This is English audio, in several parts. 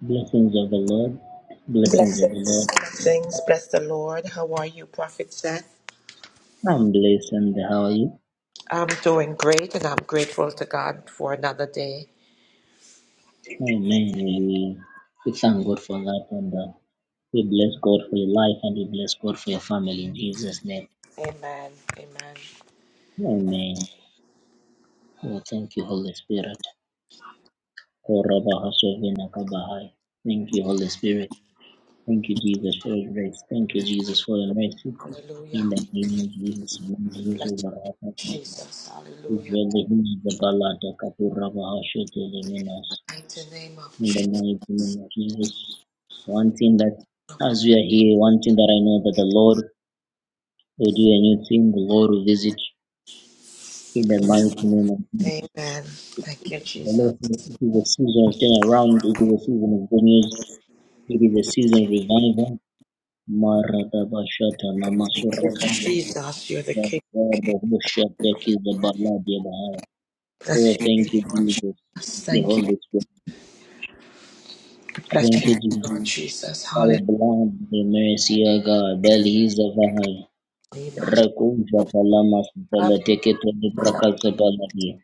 Blessings of the Lord, blessings of the Blessings, Lord. blessings, bless the Lord. How are you, Prophet Seth? I'm blessed, and how are you? I'm doing great and I'm grateful to God for another day. Amen. We, we thank God for that, and uh, we bless God for your life, and we bless God for your family in Jesus' name. Amen, amen. Amen. Oh, thank you, Holy Spirit. Oh, Rabba Hashovina Kabahai. Thank you, Holy Spirit. Thank you, Jesus, for your grace. Thank you, Jesus, for your mercy. Hallelujah. In the name of Jesus, we release Bless you, over our partner. Jesus. We Hallelujah. feel the heat of the Balata Kapuraba Hashete Liminas. Mighty name of in the Jesus. mighty name of Jesus. One thing that, as we are here, one thing that I know that the Lord will do a new thing, the Lord will visit in the mighty name of Jesus. Amen. Thank you, The Jesus. Lord says it is a season of turnaround, it is a season of good news, it is a season of revival. Maradabashata Thank you, Namasurabadya. Jesus, you're the King. Maradabashata Oh, Bless you, thank you, Lord Jesus. Jesus. Thank you, Thank you. Holy Spirit. Bless Thank you, you, Jesus. Lord Jesus. Our Hallelujah. blind the mercy, of God, bellies of our heart. You Rekunja Palamas Beletekete Librakase Baladi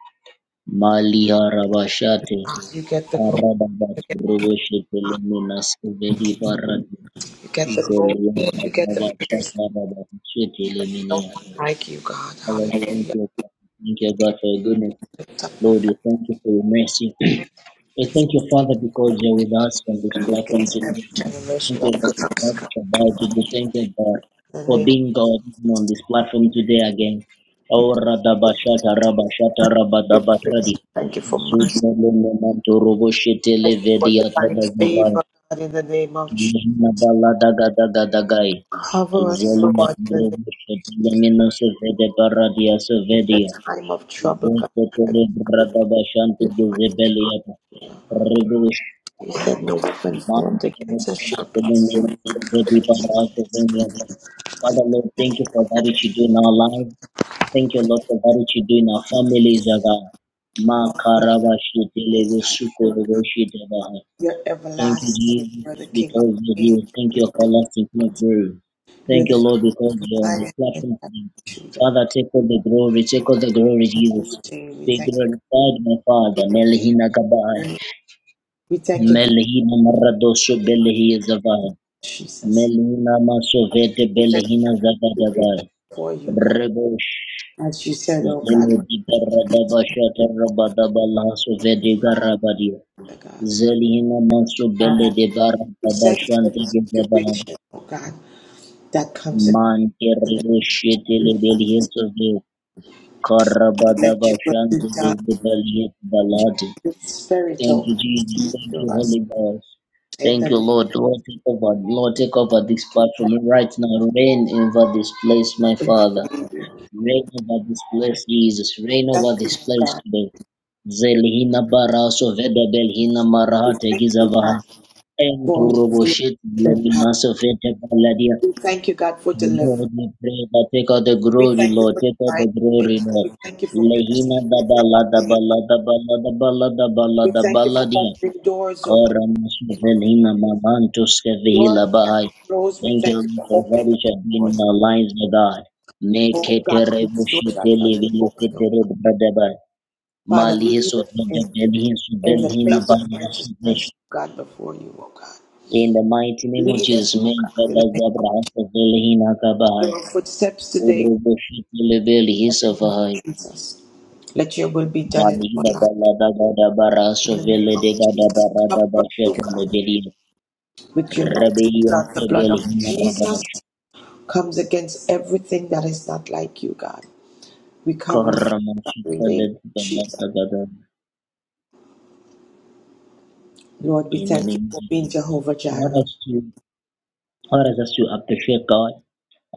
Malia Rabashate get the glory. Paradabas You get, Breveshe Peleminas Vedi Paradi you get the glory. Zeliata You get the praise. Babashata Rabashete No Leminia. one like you, God. Father, thank Hallelujah. you. Father. Thank you, God, for your goodness. Lift up Lord, we thank you for your mercy. We thank you, Father, because you're with us on this platform today. every Thank generation of you, Lord, God. for that, Thank you for, In the for name of being God on this platform today again. Aura daba shata raba shata raba Jesus. daba tradi. Christ. Thank you for mercy. Zutele le robo robo shetele Thank you for vedi divine ataba zavai. favor, God, in the name of Jesus. Lihina bala daga daga dagai. Cover us, Zeli na Lord, in the, name, robo shetele Oh, Radabashata, in the time of trouble, God. Rabashata, I just Rabadabatradi. brada bashante de You God. Zeketelebradabashantezebeliata. You said no weapon Martin, formed against us shall prosper. Father, Lord, thank you for that which you do in our lives. Thank you, Lord, for that which you do in our families, oh God. Makarabashitelebesukoroboshitebaha. You're Thank you, everlasting. Jesus, You're the King of because of you. Kings. Thank you, for lasting of glory. You're Thank the you, King Lord, because of you're on the Lions and platform today. Judah. Father, take all the glory, take all the glory, In Jesus. Jesus' name, We Be thank glorified, my Father. Melihina you. Kabai. We thank you, God, Melihina Maradosu in the name of Belihi Zavai. Jesus. Melina Masovete We thank Belihina you Zabadagai for you, God. Rebosh As you said, oh God, Zelu Dika my Rababashata Rabadabala Sovedi Father, Garabadia God. Zelihina Maso Father, Bele de we thank you for Barabashante the Gizabaha situation, oh God, that comes in. Mante Reboshitele Belihesove Let you will be Karabadabashante done. Gizabaliyet baladi. Your spirit, Thank oh you, God, Jesus. speak Thank through you, us. Holy Ghost. And Thank you, then Lord. Lord, take over. Lord, take over this platform right now. Reign over this place, my we Father. Reign over this place, Jesus. Reign over thank you, this oh place God. today. Zelhina baraso veda belhina We marahate thank you, gizavaha. God, And to for your roboshit power. leminaso fete paladia. We thank you, God, for deliverance. Lord, we pray that take out the We glory, thank you Lord. for Take out divine the glory, favor. Lord. We thank you for Lehina blessing. We thank dabala you. for your dabala dabala dabala dabala We thank you for dabala dia. opening doors, oh Koramas God. Velina Mamantus Doors Kevihila that Bahai. are closed. We Thank you thank you Lord, for for what opening those you have been in doors. our lives, O God. Oh Mekete God, these doors rebushite are must be open. levilukite oh rebradaba. Father, lead Malihisu us in, vedabelihisu in the belhina place of banasu vesh. righteousness, oh God, before you, oh God. In the mighty name of Lead us, Jesus, oh God, in Mekaba the name Zabrahasa Velhina of Kabahai. our footsteps today, in Ubrubushite levelihisa the name Vahai. of Jesus. Let your will be done in our Balihida life. balada gada In barasu the name vele de of gada Jesus, cover barada us, O God, bashetu with your mighty Rebellion blood. The blood Sebel of Jesus Himarabash comes against everything that is not like you, God. We cover in Koramash the name of Jesus. Lord, we In the thank you name of for Jesus. being Jehovah What Jireh. us to what has us to appreciate God?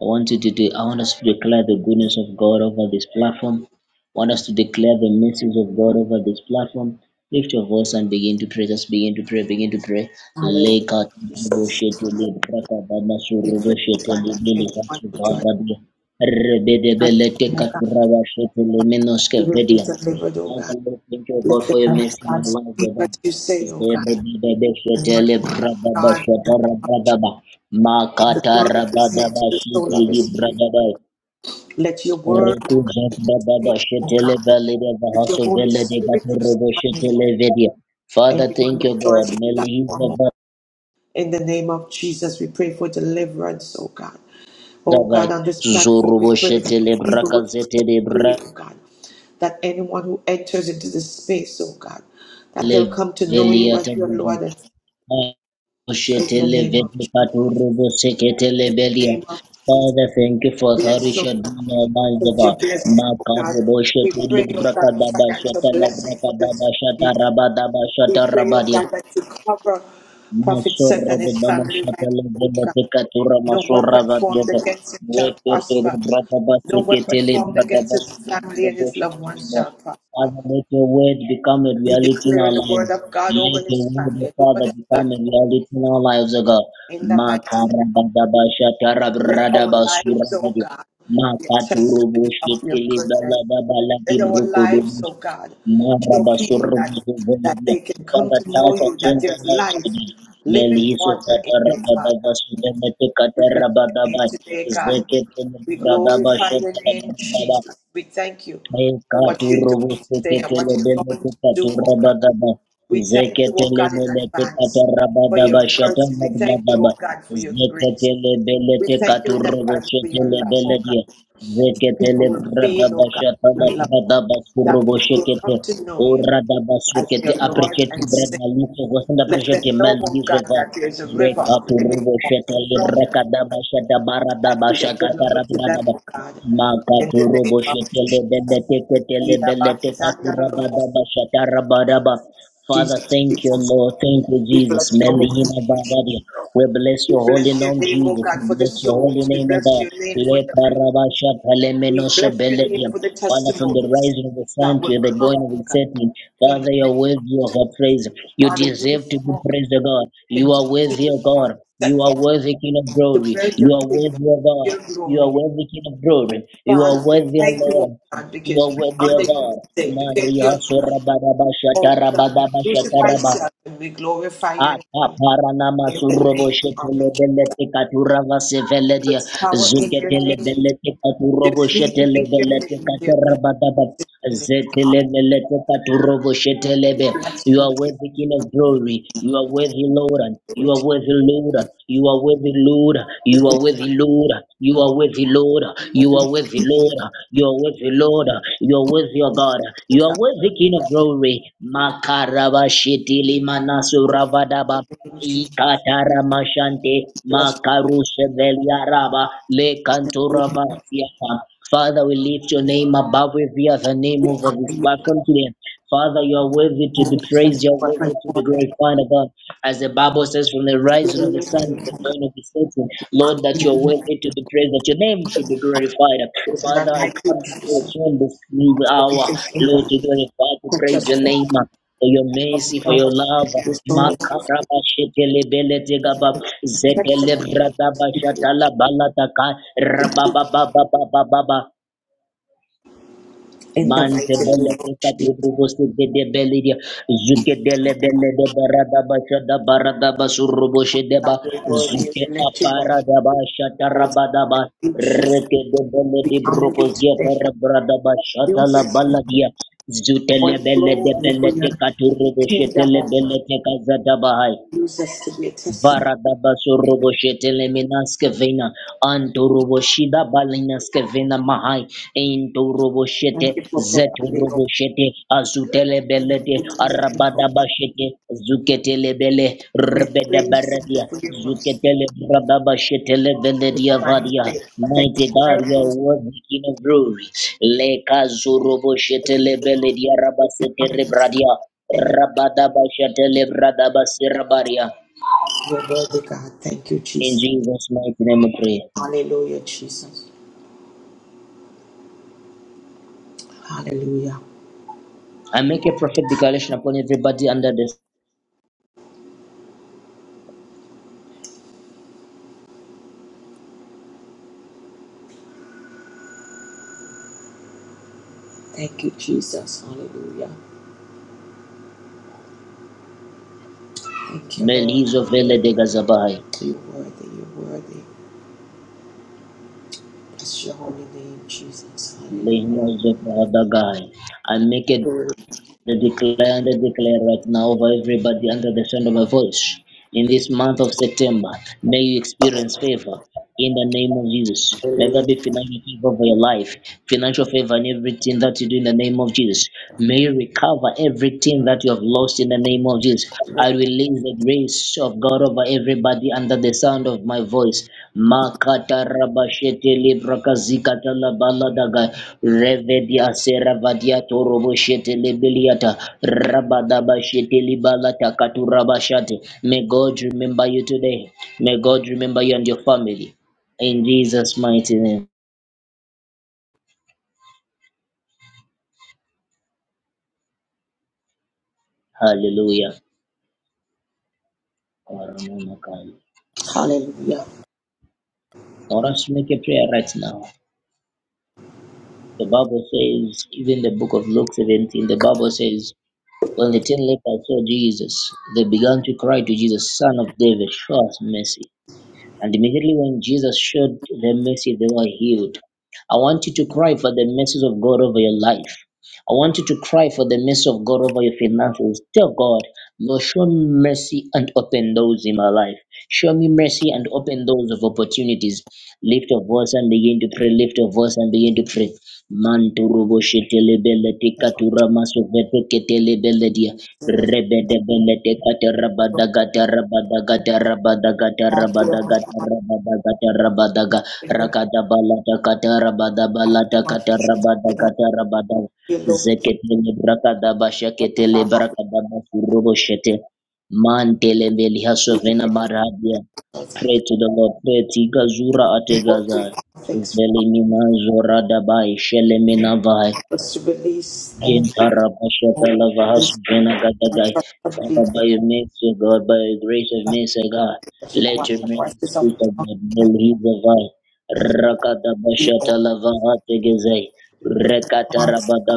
I want you to do, I want us to declare the goodness of God over this platform. I want us to declare the message of God over this platform. Lift your voice and begin to pray. Just begin to pray. Begin to pray. Hallelujah. Leka tubo shete le braka bana We surubo pray, oh shete God, le that bili everyone hasu who joins barabia. Rebede us, belete oh God, that katurawa shete le they menoske will be vedia. delivered, oh God. Father, Lord, thank you, Let God, the for your man of mercy in our God lives, speak O God. what you say, Is oh there God. baby, baby, And shete Lord, le the man of brada ba God, in the shete ra name of brada ba. Jesus, from the Makata crown of his head to Rabadaba the soul of Shiti his feet. Bragada Let your word, oh Reku God, that you Zabradaba speak, oh Shetele God. Valida Let your Vahaso Holy Vele de Spirit rest upon him. Shetele Vedia. Father, Everyone thank that you, joins God. the platform, oh Meliza In the name of Jesus, we pray for deliverance, oh God. Oh Vadaba God, on this platform, we Zurubo pray that Shetele people will be set Brakazete de free, oh God. That anyone who enters into this space, oh God, that they'll Brale come to know you Velia as your Tagaba. Lord and in the Shetele name of vete Jesus. katuru bo seketele In the belia. name of Jesus, Father, thank you for bless, oh salvation God. in our minds, O With your God. blessing, oh God. Makabu bo We shetele pray, oh God, for brakadaba financial shatala blessing for brakadaba this family. oh shatarabadaba We pray, oh shatarabadi. God, that you cover Prophet Seth Masurra and de his family right Damashapala now, de oh God. Batecatura No Masurra weapon formed Vatiata. against him shall Rekete de prosper. Brataba No weapon Seketele formed against Brataba his family and his Sudabosha. loved ones shall prosper. Father, let your word become a We reality in declare our the word lives. of God over Let your his word, family O and over Father, this become a platform reality in our lives, O God. in the mighty name. Makarabadaba Shatara Let our Bradaba lives, oh Suravadia. God, be a Makaturu testament of your Bushekele goodness. Balabala in our Gibrukodu lives, oh God. Show people Marabasurubia. that that they can come Father, to know touch and you, that change our there's lives life, today. living Meliso water in you, Father. Fatarababa Sutemete We bless your name Katarababai. today, God. Zeke We Rababa glorify your name, Shetarababa. Jesus. We thank you for what you're doing today and what you're going to do, oh God. Ekaturubusiketelebelekutaturabadaba. We thank you, oh God, in advance for your mercy. We thank you, Zeketelebelekekatarabadabashatabadabadaba. oh God, for your grace. We thank you in advance for your love, oh Zeketelebelekekaturubushetelebeledie. God. People will feel, oh God, your love. That people will Zeketelebradabashatalabradabasurubushekete. come to know you as Oradabasukete. their Lord Appreciate and Brenna Savior. Luke wasn't Let them appreciate know, man oh God, Yusova. that there is a river of living water Rekaturubushete flowing that is available to them, Rekadabashadabaradabashakatarabradaba. oh God. In Makaturo the name of boshetele Jesus. bele teketele bele tekatura baba bashatara baraba. Father, Jesus, thank you, Jesus. Lord. Thank you, We Jesus. bless your holy Melihima name. Bavaria. We bless We your holy bless your name, name, oh Jesus. We God, for the bless your holy souls. We name, O bless God. your name for Le the living. karabasha We palemenosha bless your name beledia. for the Father, from the testimonies rising of the sun that to will the going come, of oh the God, setting, in the Father, you name are of worthy of Jesus. our praise. You Father, use deserve to them, be oh God, praised, O God. You and are continue worthy, to O God. You settle, are worthy, King of to glory. build your You are kingdom, worthy, O God. your You are glory. worthy, King of glory. You are Father, we worthy, O thank you, oh Lord. God, You because are we worthy, honor O you God. today, because Maria you're God. Surabadaba Oh God, we Shatarabadaba crucify Shataraba. self and we glorify your Ata name paranama in the surobo name of shetele Jesus. belete katurava seveledia. There's power in your Zuketele name. belete katurobo There's healing shetele in your belete name. katarabadaba. There's Zetele belete katurobo shetelebe. You blessing are in worthy, King of glory. You are worthy, Lord. your You name. We bless are worthy, Lord. You are worthy, Lord. You you. are worthy, Lord. You are worthy, Lord. Let You me are worthy, Lord. You are worthy, Lord. You are worthy, O God. You give are God worthy, King of glory. Makarabashitili the manasurabadaba. glory. Ikatara mashante Bless you, Lord. makarushe veliaraba le kantura vasiata. Father, we lift your name above every other name We over honor this you, God. platform today. Father, you are worthy to We be thank you praised, you are for your worthy to be faithfulness. glorified above. As the Bible says, from the We rising of honor the sun you, to the God. going of the setting, Lord, that you are worthy to be praised, that your name should be glorified. There's none Father, I like you, come before Jesus. you in this new We hour, thank Lord, God. to glorify, to Touch praise your us, Lord. name. For your Of mercy, the for your God of the love, heavens, soul of you. Makaraba shetele bele tegaba, Touch zekele us, Lord. brada bashatala balataka, rababa baba baba baba In the Mante mighty name belle of che sta Jesus. tu provo su che de belle dia zuke delle belle de barada basha da barada basurro boshe de ba God, we worthy and zuke we lift you apara da basha tarabada ba you, Jesus. reke de belle We de honor you brocos dia today, para God. brada basha Use tala us in balla dia zutele holy belle de glory for belle te your katuro boshe tele kingdom, belle te kazada bahai Use us to be a testimony. Thank Baradabasoroboshete minaskevena antoroboshida balinaskevena mahai intoroboshete you for providing, Lord. zetoroboshete Thank you azutelebelete for delivering, Lord. Thank arabadabashete zuketelebele you for your grace. Thank you rebedabaradia for your mercy. zuketele rababashete leveledia Divine vadia faith. Thank you mighty for God you are miracles worthy King of glory lekazoroboshete lebeledia rabasete coming into us. rebradia and it's rabadabashete lebradabasia your worthy God. Thank you, in Jesus. Jesus' mighty name we pray. Hallelujah, Jesus. Hallelujah. I make a prophetic declaration upon everybody under this. Thank you, Jesus. Hallelujah. Thank you, Lord. Melizo vele de Hallelujah. gazabai. You're worthy. You're worthy. Bless your holy name, Jesus. Hallelujah. Lenozo Kadagai. I make a Glory The declare and I declare right now over everybody under the sound of my voice. In this month of September, may you experience favor in the name of Jesus. May there be financial favor over your life, financial favor in everything that you do in the name of Jesus. May you recover everything that you have lost in the name of Jesus. to God. I release the grace of God over everybody under the sound of my voice. Makatarabashete lebrakazikata labaladaga revedia sera vadia toroboshete lebeliata rabadabashete libalata katurabashate. May God remember you today. May God remember you and your family. In Jesus' mighty name. Hallelujah. I want us to make a prayer right now. The Bible says, even the book of Luke 17, the Bible says, When the ten lepers saw Jesus, they began to cry to Jesus, Son of David, show us mercy. And immediately when Jesus showed them mercy, they were healed. I want you to cry for the mercies of God over your life. I want you to cry for the mercy of God over your finances. Tell God, Lord, show me mercy and open doors in my life. Show me mercy and open doors of opportunities. Lift your voice and begin to pray. Lift your voice and begin to pray. Manturubo shetelebele tikatura masovete ketele beledia. Hallelujah. much you Lord, for Mantele mbeli to do. hasovena maradia. Pray to the Lord. Pray tigazura The ategaza. working conflicts Zelimina zoradabai. Shelemina vai. was to release any Yintaramashatalavahasavenagadadai. Father, completely by your mercy, O God, by your grace of mercy, O God, that you let your the mercy voices of speak of God God. Melhizavai. and the people, Rakadabashatalabahategezai. hearts of God,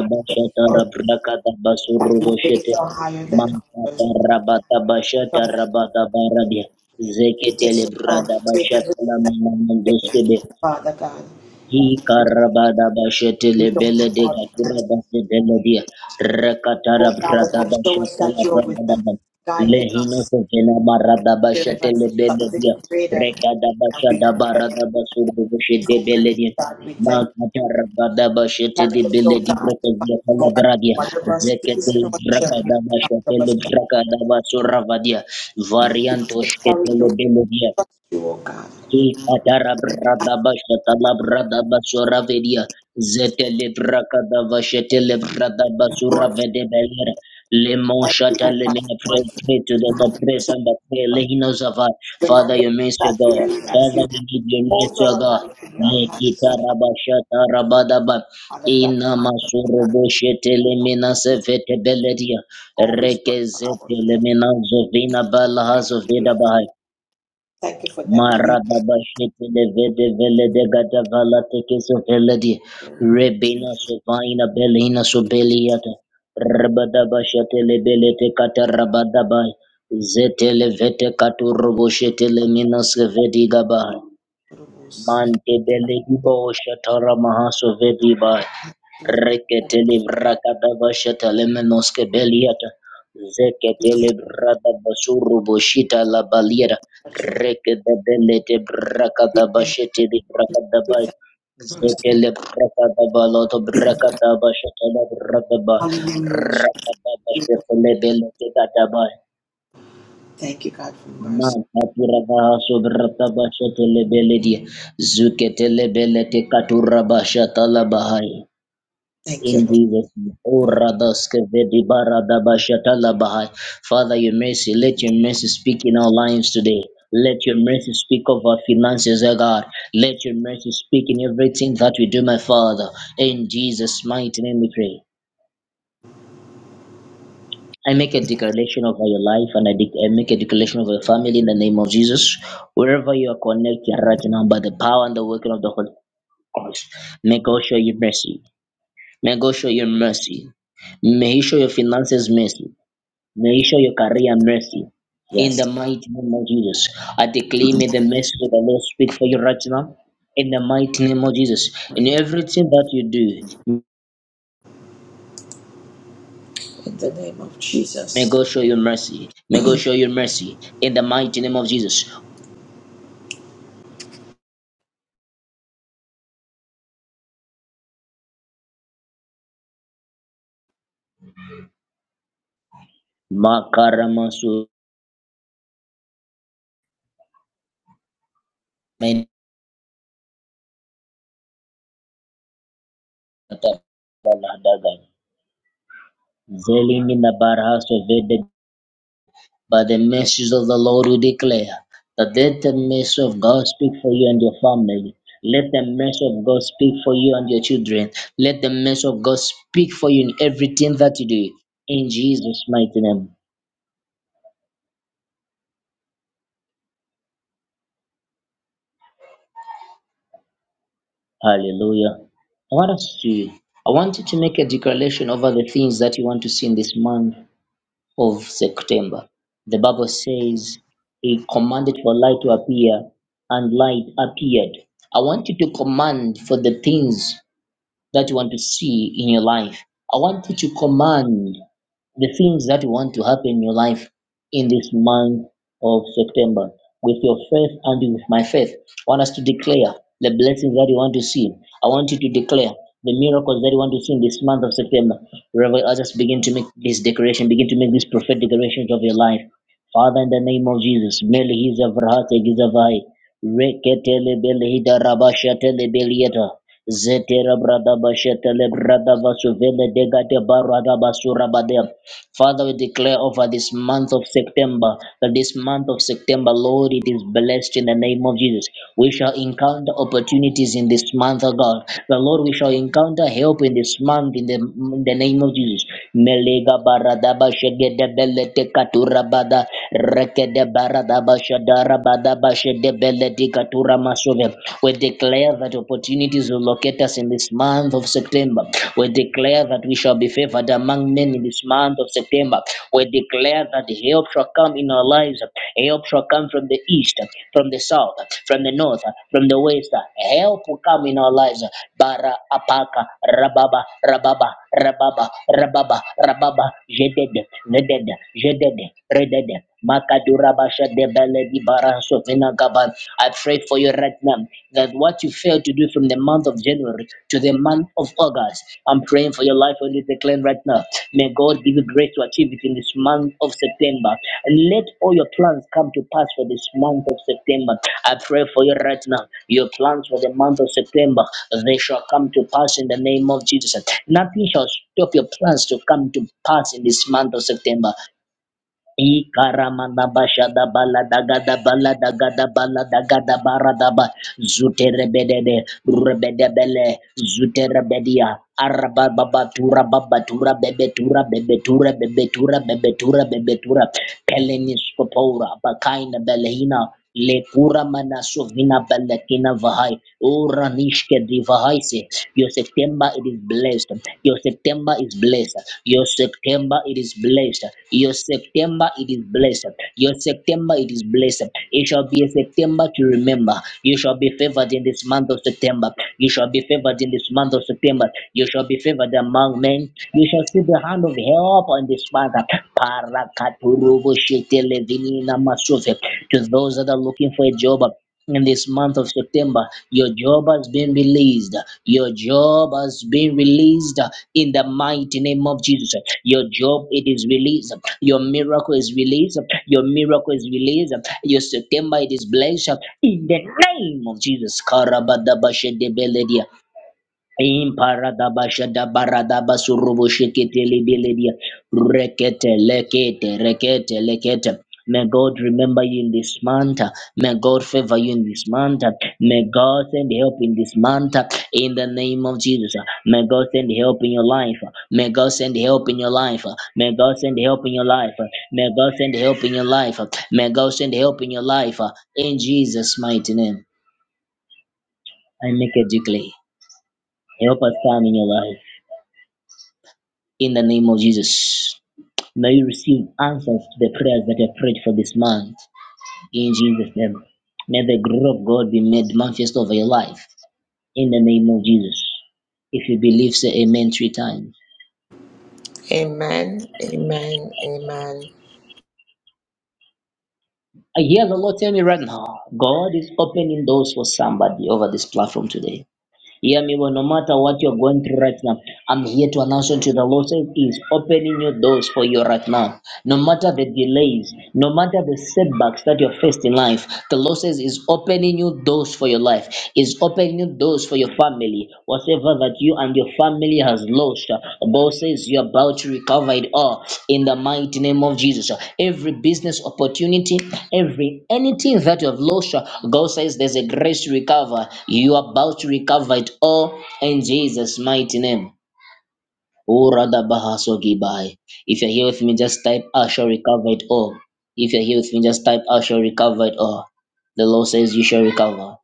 that your ways are higher than ours. and your timings are- Mampatarabadabashatarabadabaradia. oh God, Zeketelebrada take every step of bashatalamanamandeskebe. faith, Father God, and Ikarabada bashete we don't lebele have de all the gatura answers. base de ledia. Oh, Rekatara Father brada God, show bashete us that la you're with brada us, ba. guiding Lehino us. se vela barada Spirit bashete of lebele dia. something greater Rekada and we bashada could ever barada basuru bashete bele imagine. dia. God, we thank you. Makatara brada bashete Help de us, oh di God, braka to find dia kala more. bradia. Whatever Zekete season or journey brakada comes bashete of us, le that brakada basura vadia. give us Varianto the shkete courage to lebele dia. trust you, oh God. Ikatara brada bashata la brada Lord, vede belera. Lemon thank you, shata oh God, lemon for pray, what pray you have. Father, Remind us your minister that God. dearly as Father, you we give your hold minister our God. life in your hands, Lekita oh God. rabashata rabadaba. Father God, Ina remind us, oh masuru God, boshete lemina sevete beledia. always work Reke for zete our lemina zovina balaha good. zovedaba. Thank you for never leaving Marababashete levede vele de gada vala tekeso vele di rebina sovaina belina sobeliata rabadabashete lebele te kata rabadabai zete levete katu roboshete lemina sevedi gabai us. Mante beledibo shatara mahaso vediba reketele brakada bashata lemenoske beliata We thank you. zeketele brada basuru boshita la baliera that you rekede belete brakada Thank bashete di brakada you for bay your mercy. zekele brakada baloto brakada bashata la brakada ba Hallelujah. rakada bashete le belete kada bay Thank you, God, for mercy. Manta turavaha sodrata basha telebeledia. Zuke telebelete katura basha Thank you, In Lord. Jesus' name. O Radaske Vedi Barada Basha Talabahai. Father, your mercy, let your mercy speak in our lives today. Let your mercy speak of our finances, O God. Let your mercy speak in everything that we do, my Father. In Jesus' mighty name we pray. I make a declaration over your life and I, de- I make a declaration over your family in the name of Jesus. Wherever you are connected right now by the power and the working of the Holy Ghost, may God show you mercy. May God show you mercy. May He show your finances mercy. May He show your career mercy. In Yes, the mighty name of Jesus, I declare may the mercy of the Lord speak for you right now. In the mighty name of Jesus, in everything that you do, in the name of May Jesus. God show you mercy. May God show you mercy in the mighty name of Jesus. Makaramasu Zelimina Barhaso Vede by the mercies of the Lord we declare that let the mercy of God speak for you and your family. Let the mercy of God speak for you and your children. Let the mercy of God speak for you in everything that you do. In Jesus' mighty name. Hallelujah. I want us to I want you to make a declaration over the things that you want to see in this month. of September. The Bible says he commanded for light to appear and light appeared. I want you to command for the things that you want to see in your life. I want you to command the things that you want to happen in your life in this month of September with your faith and with my faith. I want us to declare the blessings that you want to see. I want you to declare the miracles that you want to see in this month of September. Wherever others begin to make this declaration, begin to make these prophetic declarations of your life. Father, in the name of Jesus, Meli Hizavrahat Egizavai. Reketele belehida rabashatele belieta. Zetera brada bashetele brada vasuvele degate barada basura badem. Father, we declare over this month of September that this month of September, Lord, it is blessed in the name of Jesus. We shall encounter opportunities in this month, oh God. The Lord, we shall encounter help in this month in the, in the name of Jesus. Melega baradaba shegede belete katura rekede baradaba shadara bashede belete katura masove. We declare that opportunities will locate us in this this month of September. We declare that we shall be favored among men in this month of September. We declare that help shall come in our lives. Help shall come from the east, from the south, from the north, from the west. Help will come in our lives. Bara apaka rababa rababa rababa rababa rababa jedede jedede jedede redede makadurabasha debele di baranso vina Rabba. I pray for you right now that what you failed to do from the month of January to the month of August, I'm praying for your life on this decline right now. May God give you grace to achieve it in this month of September. And let all your plans come to pass for this month of September. I pray for you right now. Your plans for the month of September, they shall come to pass in the name of Jesus. Nothing shall stop your plans to come to pass in this month of September. Ikaramanda basha da da da da da bala bala bala gada gada gada bara da ba Ikaramanabashadabaladagadabalagadabalagadabara zuterebedede rebedebele zute rebedia araba baba tura baba tura bebe tura bebe tura bebe tura bebetura peleniskopora bakaina belehina Lepura manaso vina balakina vahai. O ranishke divahaise. Your September it is blessed. Your September is blessed. Your September it is blessed. Your September it is blessed. Your September it is blessed. It shall be a September to remember. You shall be favored in this month of September. You shall be favored in this month of September. You shall be favored among men. You shall see the hand of help upon this Father. To those that are looking for a job in this month of September, your job has been released. Your job has been released in the mighty name of Jesus. Your job it is released. Your miracle is released. Your miracle is released. Your September it is blessed in the name of Jesus. Karabadabashedebeledia. Imparadabashada baradaba surubu shikiti libilidia. Rekete lekete rekete lekete. May God remember you in this month. May God favor you in this month. May God send help in this month. In the name of Jesus. May God send help in your life. May God send help in your life. May God send help in your life. May God send help in your life. May God send help in your life. In Jesus' mighty name. I make a decree. Help us come in your life. In the name of Jesus, may you receive answers to the prayers that you have prayed for this month. In Jesus' name, may the glory of God be made manifest over your life. In the name of Jesus. If you believe, say amen three times. Amen. Amen. Amen. I hear the Lord tell me right now, God is opening doors for somebody over this platform today. Hear me well, no matter what you're going through right now. I'm here to announce unto the Lord that He is opening your doors for you right now. No matter the delays, no matter the setbacks that you're faced in life, the Lord says is opening you doors for your life, is opening you doors for your family. Whatever that you and your family has lost. God says you're about to recover it all in the mighty name of Jesus. Every business opportunity, every anything that you have lost, God says there's a grace to recover. You are about to recover it all in Jesus' mighty name. Oh, rather, Bahasogi Bai. If you're here with me, just type I shall recover it all. If you're here with me, just type I shall recover it all. The Lord says you shall recover.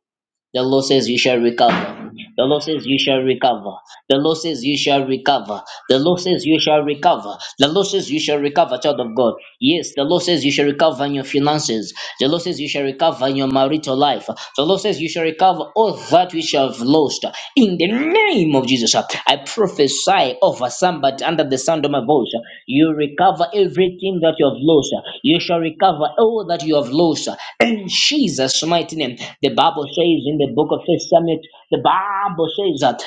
The Lord says you shall recover. The Lord says you shall recover. The Lord says you shall recover. The Lord says you shall recover. The Lord says you shall recover, child of God. Yes, the Lord says you shall recover in your finances. The Lord says you shall recover in your marital life. The Lord says you shall recover all that which you have lost. In the name of Jesus, I prophesy over somebody under the sound of my voice. You recover everything that you have lost you shall recover all that you have lost in Jesus' mighty name. The Bible says in the book of First Samuel, the Bible says that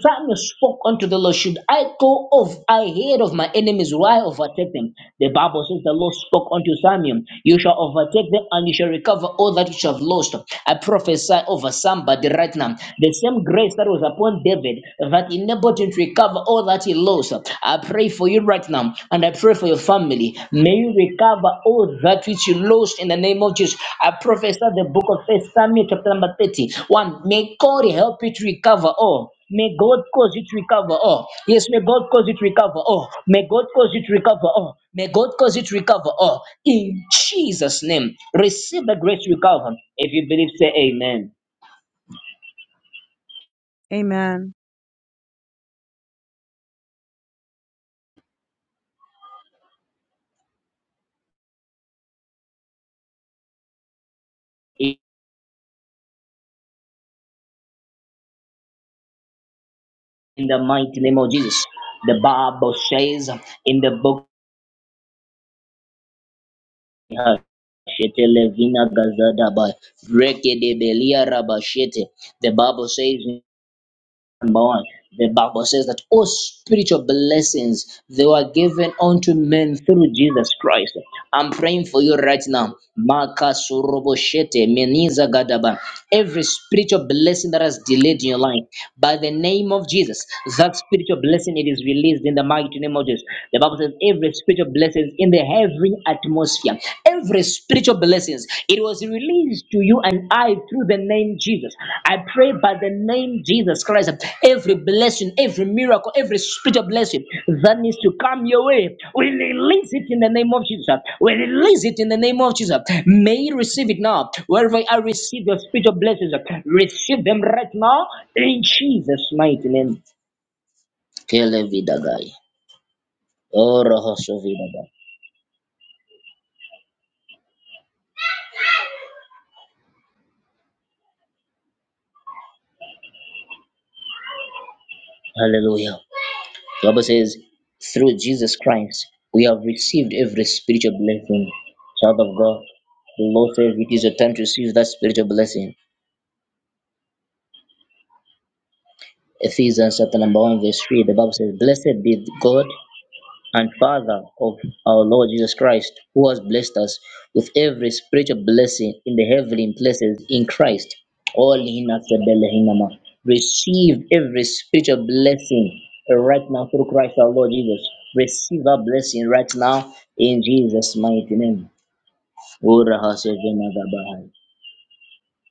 Samuel spoke unto the Lord, Should I go off ahead of my enemies will I overtake them? The Bible says the Lord spoke unto Samuel, You shall overtake them and you shall recover all that you shall have lost. I prophesy over somebody right now. The same grace that was upon David that enabled him to recover all that he lost. I pray for you right now and I pray for your family. May you recover all that which you lost in the name of Jesus. I prophesy the book of First Samuel, chapter number thirty-one. may God help you to recover all. May God cause you to recover all. Yes, may God cause you to recover all. May God cause you to recover all. May God cause you to recover all. In Jesus' name, receive the grace to recover. If you believe, say amen. Amen. In the mighty name of Jesus. The Bible says in the book Ha- Shete levina gazada reke de belia raba The Bible says in number one, the Bible says that all spiritual blessings they were given unto men through Jesus Christ. I'm praying for you right now. Maka surobo meniza gadaba. Every spiritual blessing that has delayed in your life, by the name of Jesus, that spiritual blessing it is released in the mighty name of Jesus. The Bible says every spiritual blessing is in the heavenly atmosphere every spiritual blessings. It was released to you and I through the name Jesus. I pray by the name Jesus Christ, every blessing, every miracle, every spiritual blessing that needs to come your way, we release it in the name of Jesus. We release it in the name of Jesus. May you receive it now. Wherever I receive your spiritual blessings, receive them right now in Jesus' mighty name. Kele vida gai. Oro hoso vida Hallelujah. The Bible says, through Jesus Christ, we have received every spiritual blessing. Child of God, the Lord says it is your time to receive that spiritual blessing. Ephesians chapter number 1, verse 3, the Bible says, Blessed be God and Father of our Lord Jesus Christ, who has blessed us with every spiritual blessing in the heavenly places in Christ. All in us, Rebele Hinama. Receive every spiritual blessing right now through Christ our Lord Jesus. Receive our blessing right now in Jesus' mighty name. Ora hasa jena gabahai.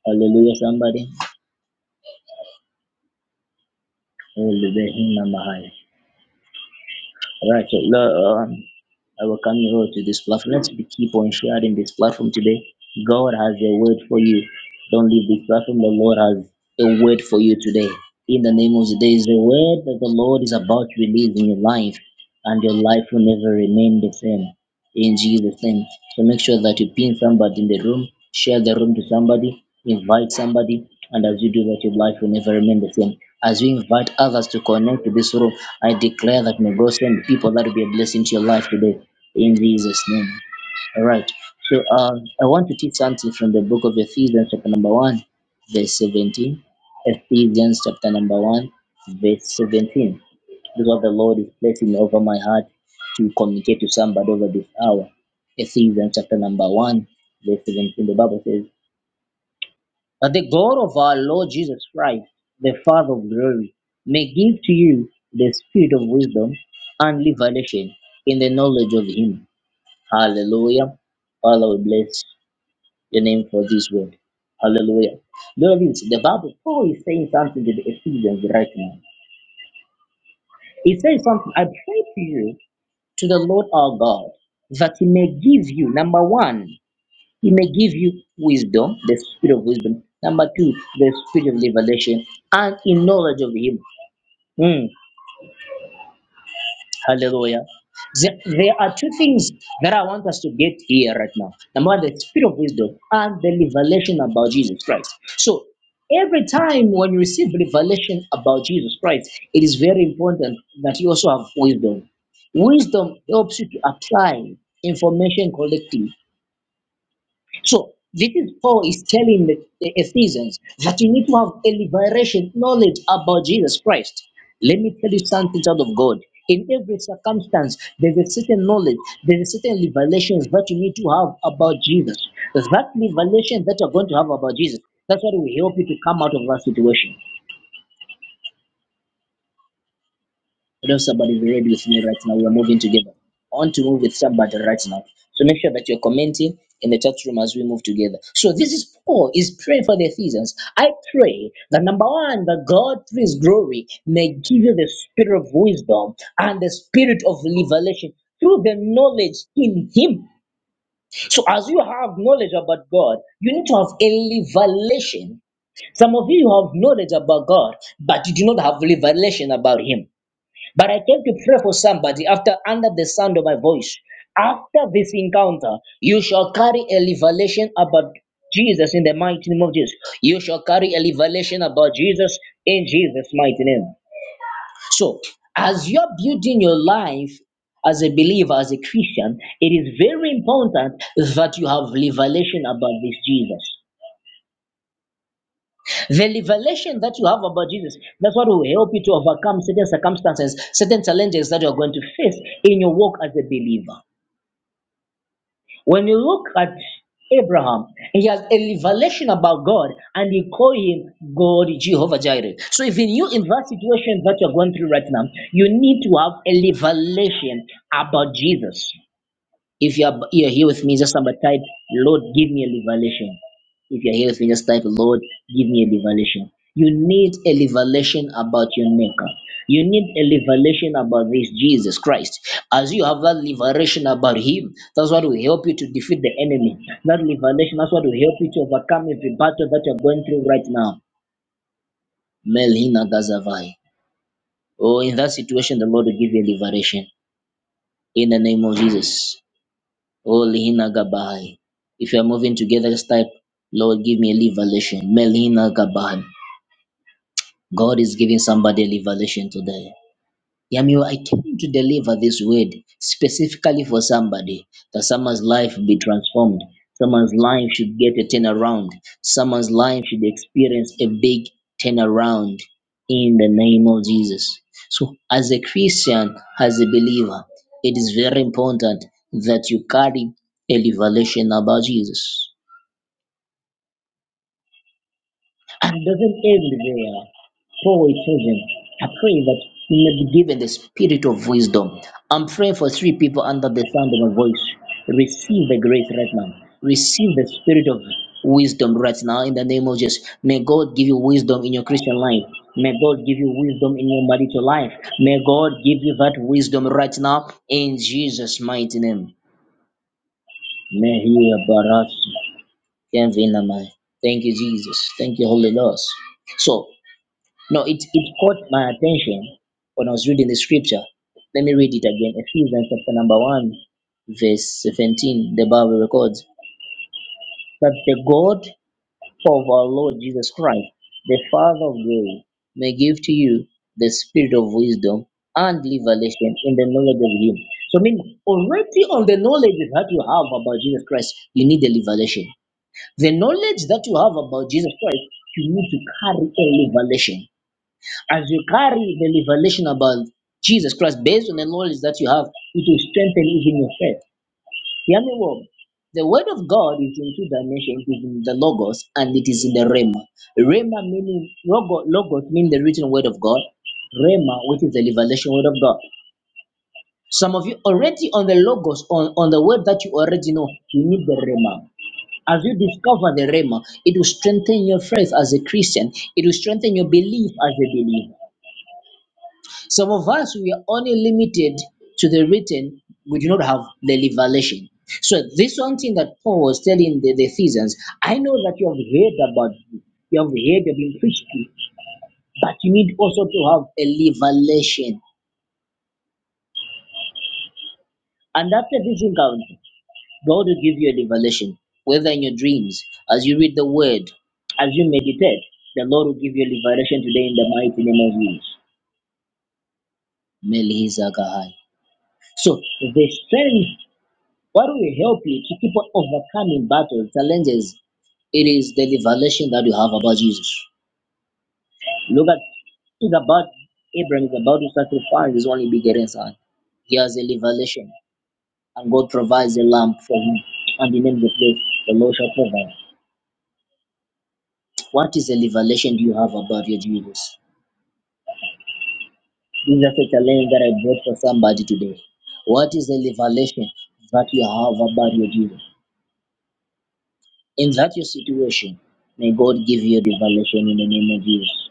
Hallelujah, somebody. Rebele Hinama hai. Right, so, uh, I welcome you all to this platform. Let's be keep on sharing this platform today. God has a word for you. Don't leave this platform. The Lord has a word for you today. In the name of the day is a word that the Lord is about to release in your life, and your life will never remain the same in Jesus' name. So make sure that you pin somebody in the room, share the room to somebody, invite somebody, and as you do that, your life will never remain the same. As you invite others to connect to this room, I declare that may God send people that will be a blessing to your life today. In Jesus' name. All right. So um, I want to teach something from the book of Ephesians, chapter number 1, verse 17. Ephesians, chapter number 1, verse 17. Because the Lord is placing over my heart to communicate to somebody over this hour. Ephesians, chapter number 1, verse 17. The Bible says, But the God of our Lord Jesus Christ, the Father of glory, may give to you the spirit of wisdom and revelation in the knowledge of Him. Hallelujah. Father, we bless your name for this word. Hallelujah. Lord, the Bible, Paul is saying something to the Ephesians right now. He says something, I pray to you, to the Lord our God, that he may give you, number one, he may give you wisdom, the spirit of wisdom. Number two, the spirit of revelation and in knowledge of him. Mm. Hallelujah. There, there are two things that I want us to get here right now. Number one, the spirit of wisdom and the revelation about Jesus Christ. So every time when you receive revelation about Jesus Christ, it is very important that you also have wisdom. Wisdom helps you to apply information correctly so this is Paul is telling the the Ephesians that you need to have a liberation knowledge about Jesus Christ. Let me tell you something, child of God. In every circumstance, there's a certain knowledge, there's a certain revelations that you need to have about Jesus. That revelation that you're going to have about Jesus, that's what will help you to come out of that situation. I know somebody will read with me right now. We're moving together. I want to move with somebody right now. So make sure that you're commenting in the chat room as we move together. So this is Paul is praying for the Ephesians. I pray that number one, that God through his glory may give you the spirit of wisdom and the spirit of revelation through the knowledge in him. So as you have knowledge about God, you need to have a revelation. Some of you have knowledge about God, but you do not have revelation about him. But I came to pray for somebody after under the sound of my voice. After this encounter, you shall carry a revelation about Jesus in the mighty name of Jesus. You shall carry a revelation about Jesus in Jesus' mighty name. So, as you're building your life as a believer, as a Christian, it is very important that you have revelation about this Jesus. The revelation that you have about Jesus, that's what will help you to overcome certain circumstances, certain challenges that you are going to face in your walk as a believer. When you look at Abraham, he has a revelation about God and you call him God Jehovah Jireh. So, even you in that situation that you're going through right now, you need to have a revelation about Jesus. If you're you're here with me, just somebody type, Lord, give me a revelation. If you're here with me, just type, Lord, give me a revelation. You need a revelation about your maker. You need a revelation about this Jesus Christ. As you have that revelation about him, that's what will help you to defeat the enemy. That revelation, that's what will help you to overcome every battle that you're going through right now. Melina Gazavai. Oh, in that situation, the Lord will give you a liberation in the name of Jesus. Oh, Lihina Gabai. If you are moving together, just type, Lord, give me a revelation. Melina Gabai. God is giving somebody a revelation today. Yamio, I came to deliver this word specifically for somebody that someone's life be transformed. Someone's life should get a turnaround. Someone's life should experience a big turnaround in the name of Jesus. So, as a Christian, as a believer, it is very important that you carry a revelation about Jesus. And doesn't everywhere Paul is chosen. I pray that you may be given the spirit of wisdom. I'm praying for three people under the sound of my voice. Receive the grace right now. Receive the spirit of wisdom right now in the name of Jesus. May God give you wisdom in your Christian life. May God give you wisdom in your marital life. May God give you that wisdom right now in Jesus' mighty name. May He embarrass you. Thank you, Jesus. Thank you, Holy Ghost. So no, it, it caught my attention when I was reading the scripture. Let me read it again. Ephesians chapter number 1, verse 17, the Bible records that the God of our Lord Jesus Christ, the Father of glory, may give to you the spirit of wisdom and revelation in the knowledge of Him. So, I mean, already on the knowledge that you have about Jesus Christ, you need a revelation. The knowledge that you have about Jesus Christ, you need to carry a revelation. As you carry the revelation about Jesus Christ based on the knowledge that you have, it will strengthen even your faith. Hear me well. The word of God is in two dimensions, it is in the logos and it is in the rhema. Rhema meaning logo, logos means the written word of God. Rhema, which is the revelation word of God. Some of you already on the logos, on, on the word that you already know, you need the rhema. As you discover the rhema, it will strengthen your faith as a Christian. It will strengthen your belief as a believer. Some of us, we are only limited to the written, we do not have the revelation. So, this one thing that Paul was telling the, the Ephesians I know that you have heard about, you you have heard, you've been preached to, but you need also to have a revelation. And after this encounter, God will give you a revelation, whether in your dreams, as you read the word, as you meditate, the Lord will give you a revelation today in the mighty name of Jesus. Melihizakahai. So the strength What will help you to keep on overcoming battles, challenges? It is the revelation that you have about Jesus. Look at it's about Abraham is about to sacrifice his only begotten son. He has a revelation, and God provides a lamb for him, and he names the place the Lord shall provide. What is the revelation you have about your Jesus? This is a challenge that I brought for somebody today. What is the revelation that you have about your Jesus? in that your situation, may God give you revelation in the name of Jesus.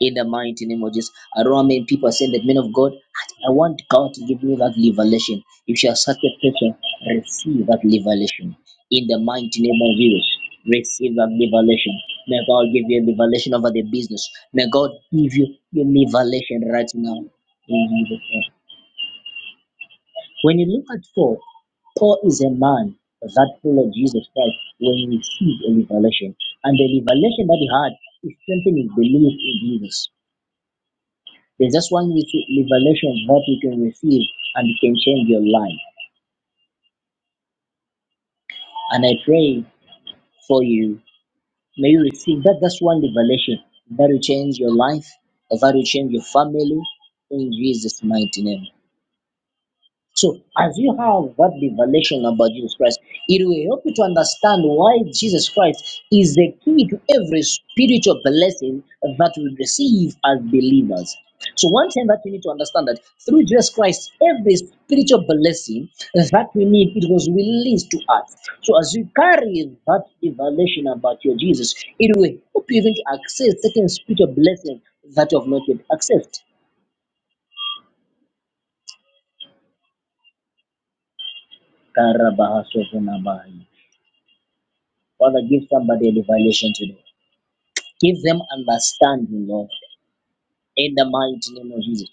In the mighty name of Jesus. I don't know how many people are saying that, men of God, I I want God to give me that revelation. If you are such a person, receive that revelation. In the mighty name of Jesus, receive that revelation. May God give you a revelation over the business. May God give you a revelation right now. In Jesus' name. When you look at Paul, Paul is a man that followed Jesus Christ when he received a revelation. And the revelation that he had is strengthening his belief in Jesus. There's just one rece- revelation that you can receive and it can change your life. And I pray for you. May you receive that. That's one revelation that will change your life, that will change your family in Jesus' mighty name. So, as you have that revelation about Jesus Christ, it will help you to understand why Jesus Christ is the key to every spiritual blessing that we receive as believers. So, one thing that you need to understand that through Jesus Christ, every spiritual blessing that we need, it was released to us. So, as you carry that revelation about your Jesus, it will help you even to access certain spiritual blessings that you have not yet accessed. Karabahasovunabai. Father, give somebody a revelation today. Give them understanding, Lord, in the mighty name of Jesus.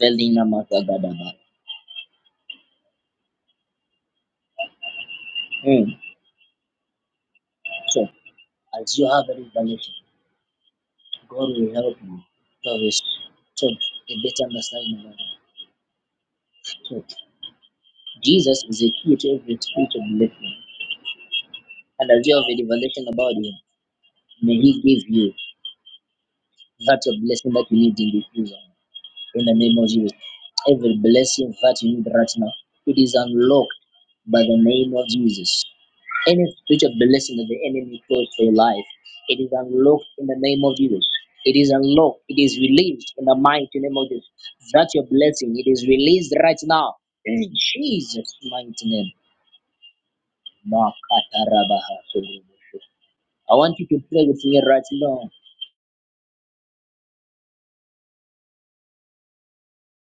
Velina Makagadaba. Mm. So, as you have a revelation, God will help you to res- to a better understanding about it. So, Jesus is a key to every spirit of blessing. And as you have a revelation about Him, may He give you that of blessing that you need in this season. in the name of Jesus. Every blessing that you need right now, it is unlocked by the name of Jesus. Any spiritual blessing that the enemy throws for your life, it is unlocked in the name of Jesus. It is unlocked. It is released in the mighty name of Jesus. That's your blessing. It is released right now in Jesus' mighty name. Makatarabaha. I want you to pray with me right now.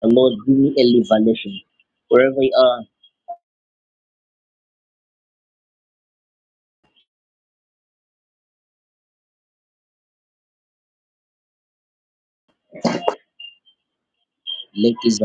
The Lord, give me a revelation. Wherever you are, Lake is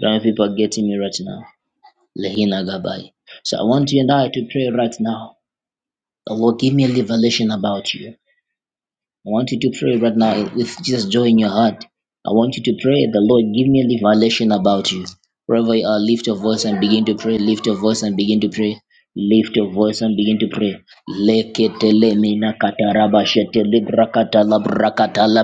Young people are getting me right now. Lehina Gabai. So I want you and I to pray right now. The Lord, give me a revelation about you. I want you to pray right now with just joy in your heart. I want you to pray, the Lord, give me a revelation about you. Wherever you are, lift your voice and begin to pray. Lift your voice and begin to pray. Lift your voice and begin to pray. Leketele mina kataraba shetele brakata la brakata la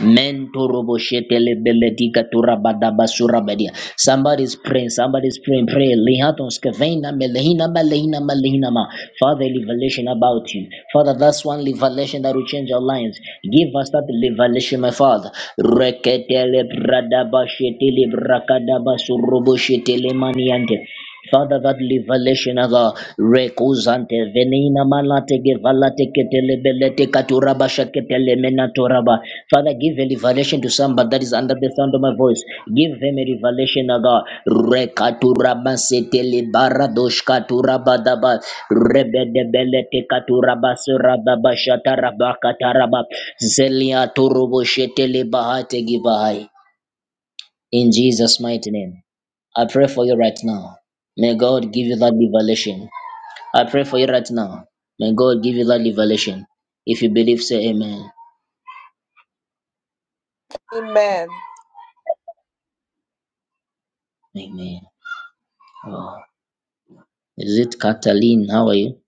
Mentorobo shetele belediga turabada basura badia. Somebody's praying, somebody's praying, pray. Lihaton skevena melehina malehina malehina ma. Father, revelation about you. Father, that's one revelation that will change our lives. Give us that revelation, my Father. Reketele bradaba shetele brakadaba surobo shetele maniante. Father, that liberation of uh, Rekuzante Venina Malate Gevalate Ketelebelete Katuraba Shaketele Menatoraba. Father, give a revelation to somebody that is under the sound of my voice. Give them a revelation of uh, Rekaturaba Setele Baradosh Katuraba Daba Rebedebelete Katuraba Surababa Shataraba Kataraba Zelia Turubo Shetele Bahate Givahai. In Jesus' mighty name. I pray for you right now. May God give you that revelation. I pray for you right now. May God give you that revelation. If you believe, say amen. Amen. Amen. Oh, is it Kathleen? How are you?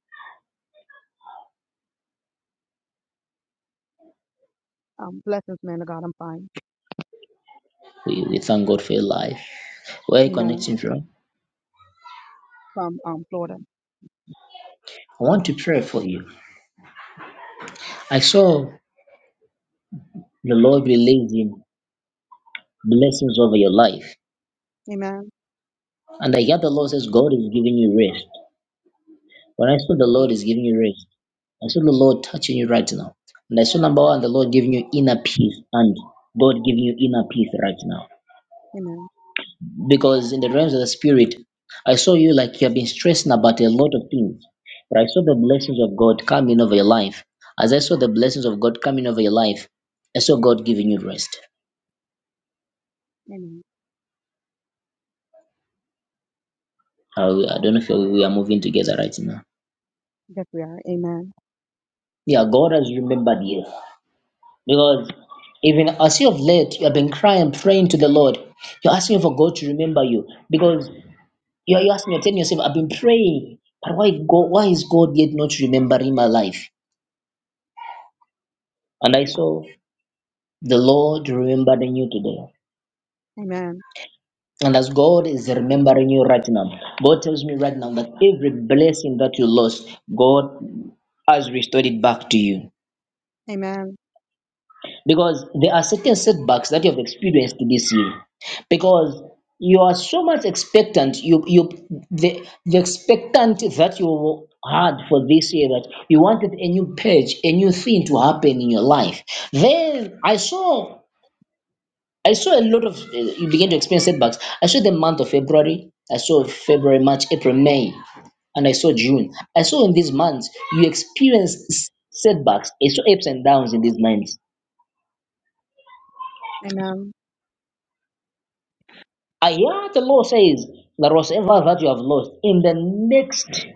Um, blessings, man of God. I'm fine. We, we thank God for your life. Where are you Amen. connecting from? From um, Florida. I want to pray for you. I saw the Lord releasing blessings over your life. Amen. And I hear the Lord says, God is giving you rest. When I saw the Lord Mhm. is giving you rest, I saw the Lord touching you right now. And I saw number one, the Lord giving you inner peace and God giving you inner peace right now. Amen. Because in the realms of the spirit, I saw you like you have been stressing about a lot of things. But I saw the blessings of God coming over your life. As I saw the blessings of God coming over your life, I saw God giving you rest. Amen. I I don't know if we are moving together right now. Yes, we are. Amen. Yeah, God has remembered you. Because even as you have late, you have been crying, praying to the Lord. You're asking for God to remember you. Because You you ask me, you're telling yourself, I've been praying, but why God, why is God yet not remembering my life? And I Yeah. saw the Lord remembering you today. Amen. And as God is remembering you right now, God tells me right now that every blessing that you lost, God has restored it back to you. Amen. because there are certain setbacks that you have experienced this year because you are so much expectant you you the, the expectant that you had for this year that you wanted a new page a new thing to happen in your life then i saw i saw a lot of uh, you begin to experience setbacks i saw the month of february i saw february march april may and I saw June. I saw in these months you experienced s- setbacks. I saw ups and downs in these months. Amen. Ah, yeah, the law says that whatever that you have lost in the next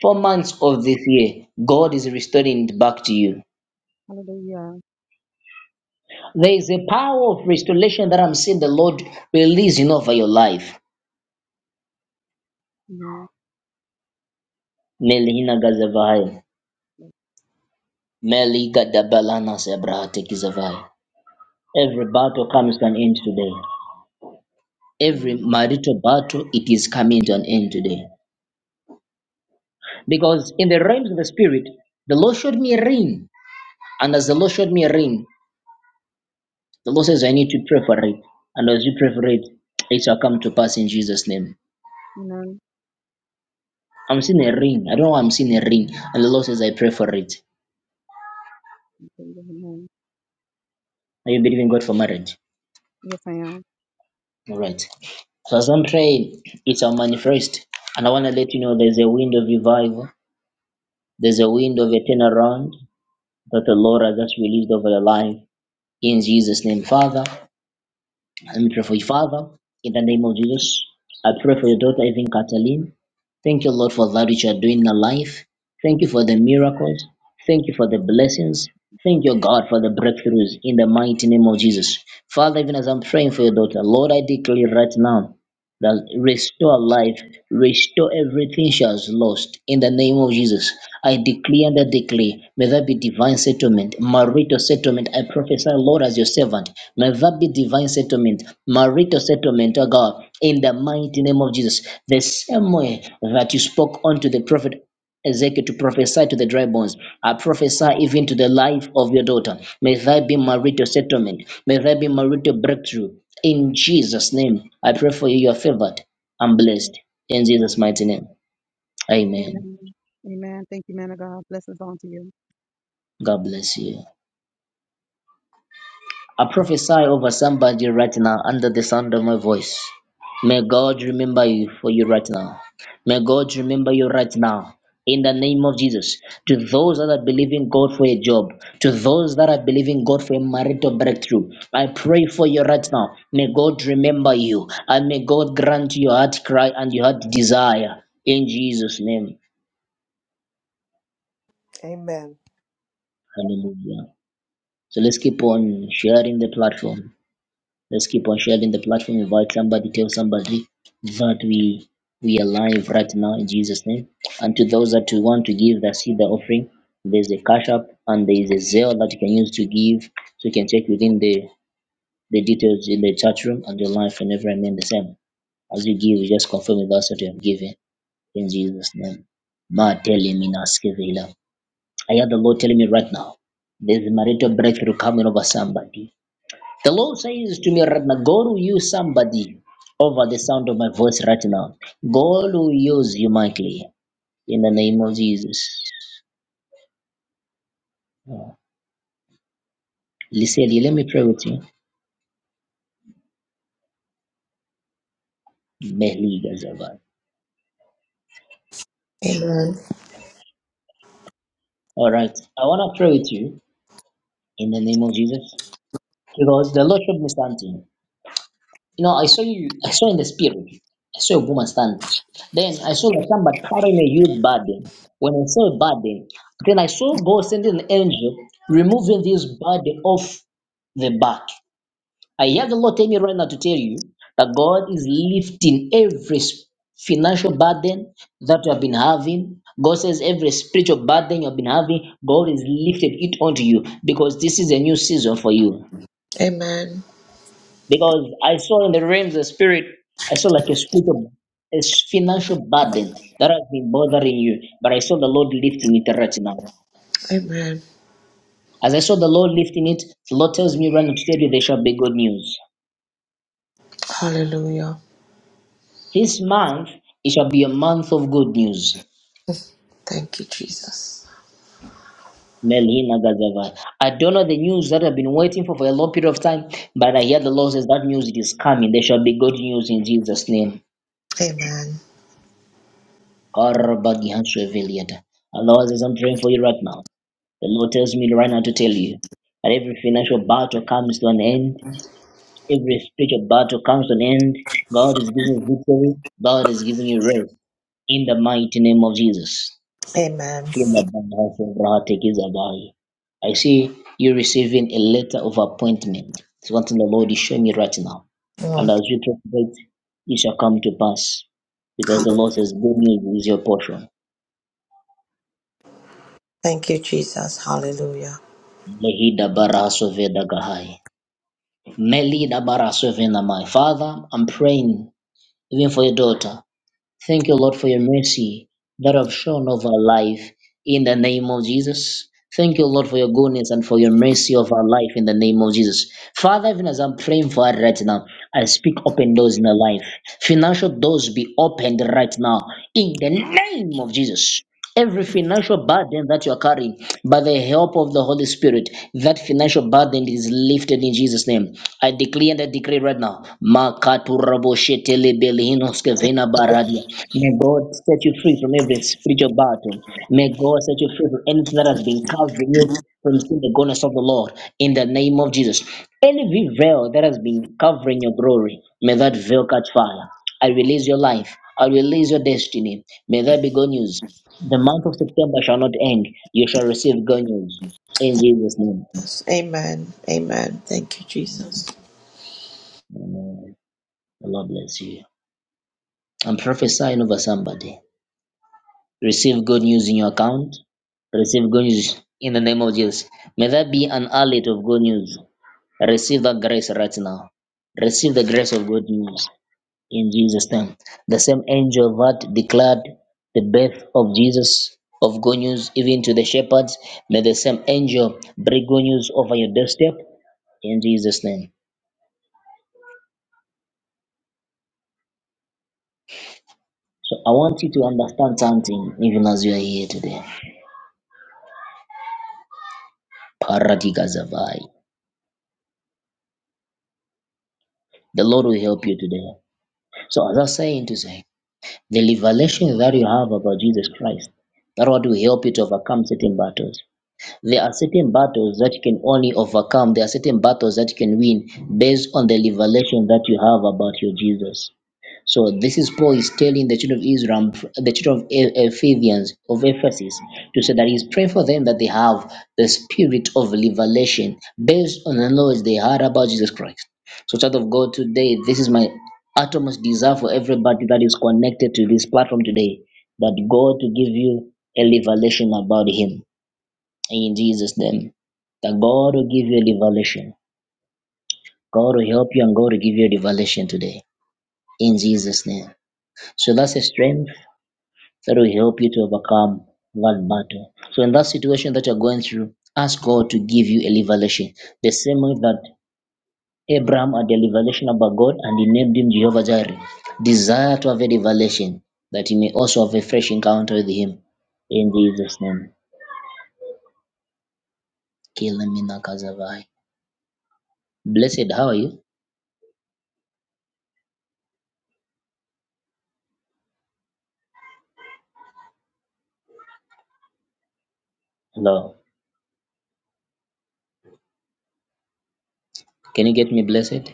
four months of this year, God is restoring it back to you. Hallelujah. There is a power of restoration that I'm seeing the Lord releasing over your life. Amen. Melihina gazavai, Yes. meliga dabalana sebrahate kizavai. Every battle comes to an end today. Every Amen. marital battle, it is coming to an end today. Because in the realms of the spirit, the Lord showed me a ring. And as the Lord showed me a ring, The Lord says, I need to pray for it. And as you pray for it, it shall come to pass in Jesus' name. Amen. I'm seeing a ring. I don't know why I'm seeing a ring. And the Lord says, I pray for it. Amen. Are you believing God for marriage? Yes, I am. All right. So as I'm praying, it shall manifest. And I want to let you know there's a wind of revival, there's a wind of a turnaround that the Lord has just released over your life in Jesus' name. Father, Let Mhm. me pray for you, Father, in the name of Jesus. I pray for Yes. your daughter, even Cataline. Thank you, Lord, for that which you are doing in her life. Thank you for the miracles. Thank you for the blessings. Thank you, God, for the breakthroughs in the mighty name of Jesus. Father, even as I'm praying for your daughter, Lord, I declare right now that restore life, restore everything she has lost in the name of Jesus. I declare and I declare, may there be divine settlement, marital settlement. I prophesy, Lord, as your servant, may there be divine settlement, marital settlement, oh God, in the mighty name of Jesus. The same way that you spoke unto the prophet Ezekiel to prophesy to the dry bones. I prophesy even to the life of your daughter. May there be marital settlement. May there be marital breakthrough. In Jesus' name, I pray for you. You are favored and yes. blessed. In Jesus' Hallelujah. mighty name. Amen. Amen. Amen. Thank you, man of God. Blessings on to you. God bless you. I prophesy over somebody right now under the sound of my voice. May God remember you for you right now. May God remember you right now. In the name of Jesus, to those that are believing God for a job, to those that are believing God for a marital breakthrough, I pray for you right now. May God remember you and may God grant your heart cry and your heart desire in Jesus' name. Amen. Hallelujah. So let's keep on sharing the platform. Let's keep on sharing the platform. Invite somebody, tell somebody that we we are live right now in Jesus' name. And to those that want to give the seed, the offering, there's a cash app and there is a Zelle that you can use to give. So you can check within the the details in the chat room and your life and every remain the same. As you give, you just confirm with us that you have given in Jesus' name. Ma telling me now, Skevila. I hear the Lord telling me right now, there's a marital breakthrough coming over somebody. The Lord says to me, Ratna, God will use somebody over the sound of my voice right now. God will use you mightily in the name of Jesus. Liseli, let me pray with you. Meliga Zavan. Amen. All right. I want to pray with you in the name of Jesus because the Lord showed me something. You know, I saw you, I saw in the spirit, I saw a woman standing. Then I saw somebody carrying a huge burden. When I saw a burden, then I saw God sending an angel removing this burden off the back. I hear the Lord tell me right now to tell you that God is lifting every s- financial burden that you have been having. God says every spiritual burden you've been having, God is lifted it onto you because this is a new season for you. Amen. Because I saw in the realms of the spirit, I saw like a spiritual, a s- financial burden that has been bothering you. But I saw the Lord lifting it right now. Amen. As I saw the Lord lifting it, the Lord tells me right now to tell you there shall be good news. Hallelujah. This month, it shall be a month of good news. Thank you, Jesus. Melina Gazava. I don't know the news that I've been waiting for for a long period of time, but I hear the Lord says that news it is coming. There shall be good news in Jesus' name. Amen. Karabagihashweveliata. The Lord says, I'm praying for you right now. The Lord tells me right now to tell you that every financial battle comes to an end, every spiritual battle comes to an end. God is giving you victory, God is giving you rest in the mighty name of Jesus. Amen. Hey, madam, how from Rahate Kizabari. I see you receiving a letter of appointment. It's one thing the Lord is showing me right now. And Mm. as you prophet, it it shall come to pass. Because the Lord says, Good news is your portion. Thank you, Jesus. Hallelujah. Lehi dabara soveda gahai. Meli dabara sovena mai. Father, I'm praying even for your daughter. Thank you, Lord, for your mercy that have shown over our life in the name of Jesus. Thank you, Lord, for your goodness and for your mercy of our life in the name of Jesus. Father, even as I'm praying for her right now, I speak open doors in her life. Financial doors be opened right now in the name of Jesus. Every financial burden that you are carrying, by the help of the Holy Holy Spirit, that financial burden is lifted in Jesus' name. I declare and I decree right now. May God set you free from every spiritual battle. May God set you free from anything that has been covering you from seeing the goodness of the Lord in the name of Jesus. Any veil that has been covering your glory, may that veil catch fire. I release your life. I release your destiny. May there be good news. The month of September shall not end. You shall receive good news. In Jesus' name. Yes. Amen. Amen. Thank you, Jesus. Amen. The Lord bless you. I'm prophesying over somebody. Receive good news in your account. Receive good news in the name of Jesus. May that be an outlet of good news. Receive that grace right now. Receive the grace of good news in Jesus' name. The same angel that declared the birth of Jesus of good news even to the shepherds. May the same angel bring good news over your doorstep in Jesus' name. So I want you to understand something even as you are here today. Paradigazavai. The Lord will help you today. So as I was saying to say, the revelation that you have about Jesus Christ, that what will help you to overcome certain battles. There are certain battles that you can only overcome. There are certain battles that you can win based on the revelation that you have about your Jesus. So this is Paul is telling the children of Israel, the children of E- Ephesians of Ephesus, to say that he's praying for them that they have the spirit of revelation based on the knowledge they had about Jesus Christ. So, child of God, today this is my utmost desire for everybody that is connected to this platform today, that God to give you a revelation about Him in Jesus' name. That God will give you a revelation. God will help you and God will give you a revelation today in Jesus' name. So that's a strength that will help you to overcome that battle. So in that situation that you're going through, ask God to give you a revelation. The same way that Abraham had a revelation about God and he named him Jehovah Jireh. Desire to have a revelation that you may also have a fresh encounter with him in Jesus' name. Kilimina Kazavai. Blessed, how are you? Hello. Can you get me, blessed?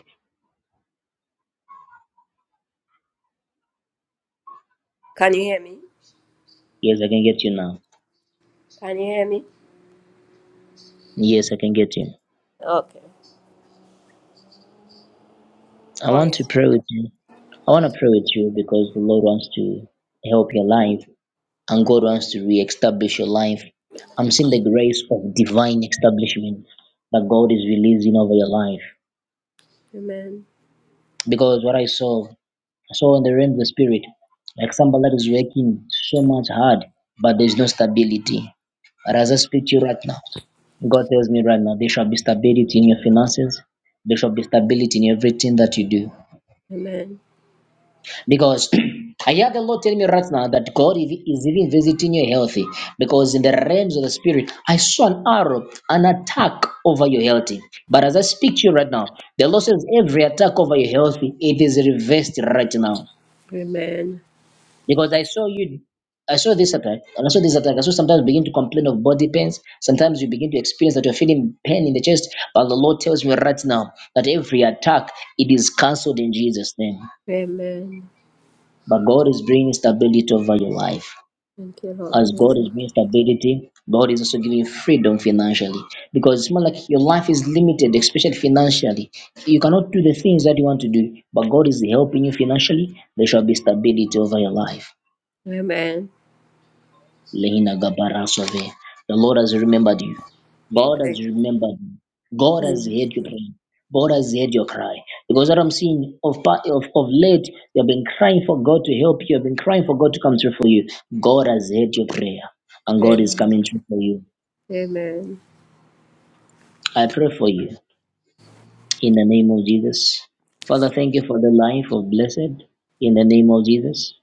Can you hear me? Yes, I can get you now. Can you hear me? Yes, I can get you. Okay. I want to Always. pray with you. I want to pray with you because the Lord wants to help your life and God wants to re-establish your life. I'm seeing the grace of divine establishment that God is releasing over your life. Amen. Because what I saw, I saw in the realm of the spirit, like somebody that is working so much hard, but there's no stability. But as I speak to you right now, God tells me right now, there shall be stability in your finances. There shall be stability in everything that you do. Amen. Because I hear the Lord tell me right now that God is is even visiting your health. Because in the realms of the spirit, I saw an arrow, an attack over your health. But as I speak to you right now, the Lord says every attack over your health, it is reversed right now. Amen. because I saw you, I saw this attack, and I saw this attack. I saw sometimes begin to complain of body pains. Sometimes you begin to experience that you're feeling pain in the chest. But the Lord tells me right now that every attack it is cancelled in Jesus' name. Amen. But God is bringing stability over your life. Thank you, Lord. As God is Amen. bringing stability, God is also giving you freedom financially because it's more like your life is limited, especially financially. You cannot do the things that you want to do, but God is helping you financially. There shall be stability over your life. Amen. Lehina Gabarasove. The Lord has remembered you. God has Amen. remembered you. God has heard your prayer. God has heard your cry. Because what I'm seeing of, pa- of, of late, you have been crying for God to help you. You have been crying for God to come through for you. God has heard your prayer. And God is Amen. coming through for you. Amen. I pray for you. In the name of Jesus. Father, thank you for the life of blessed. In the name of Jesus.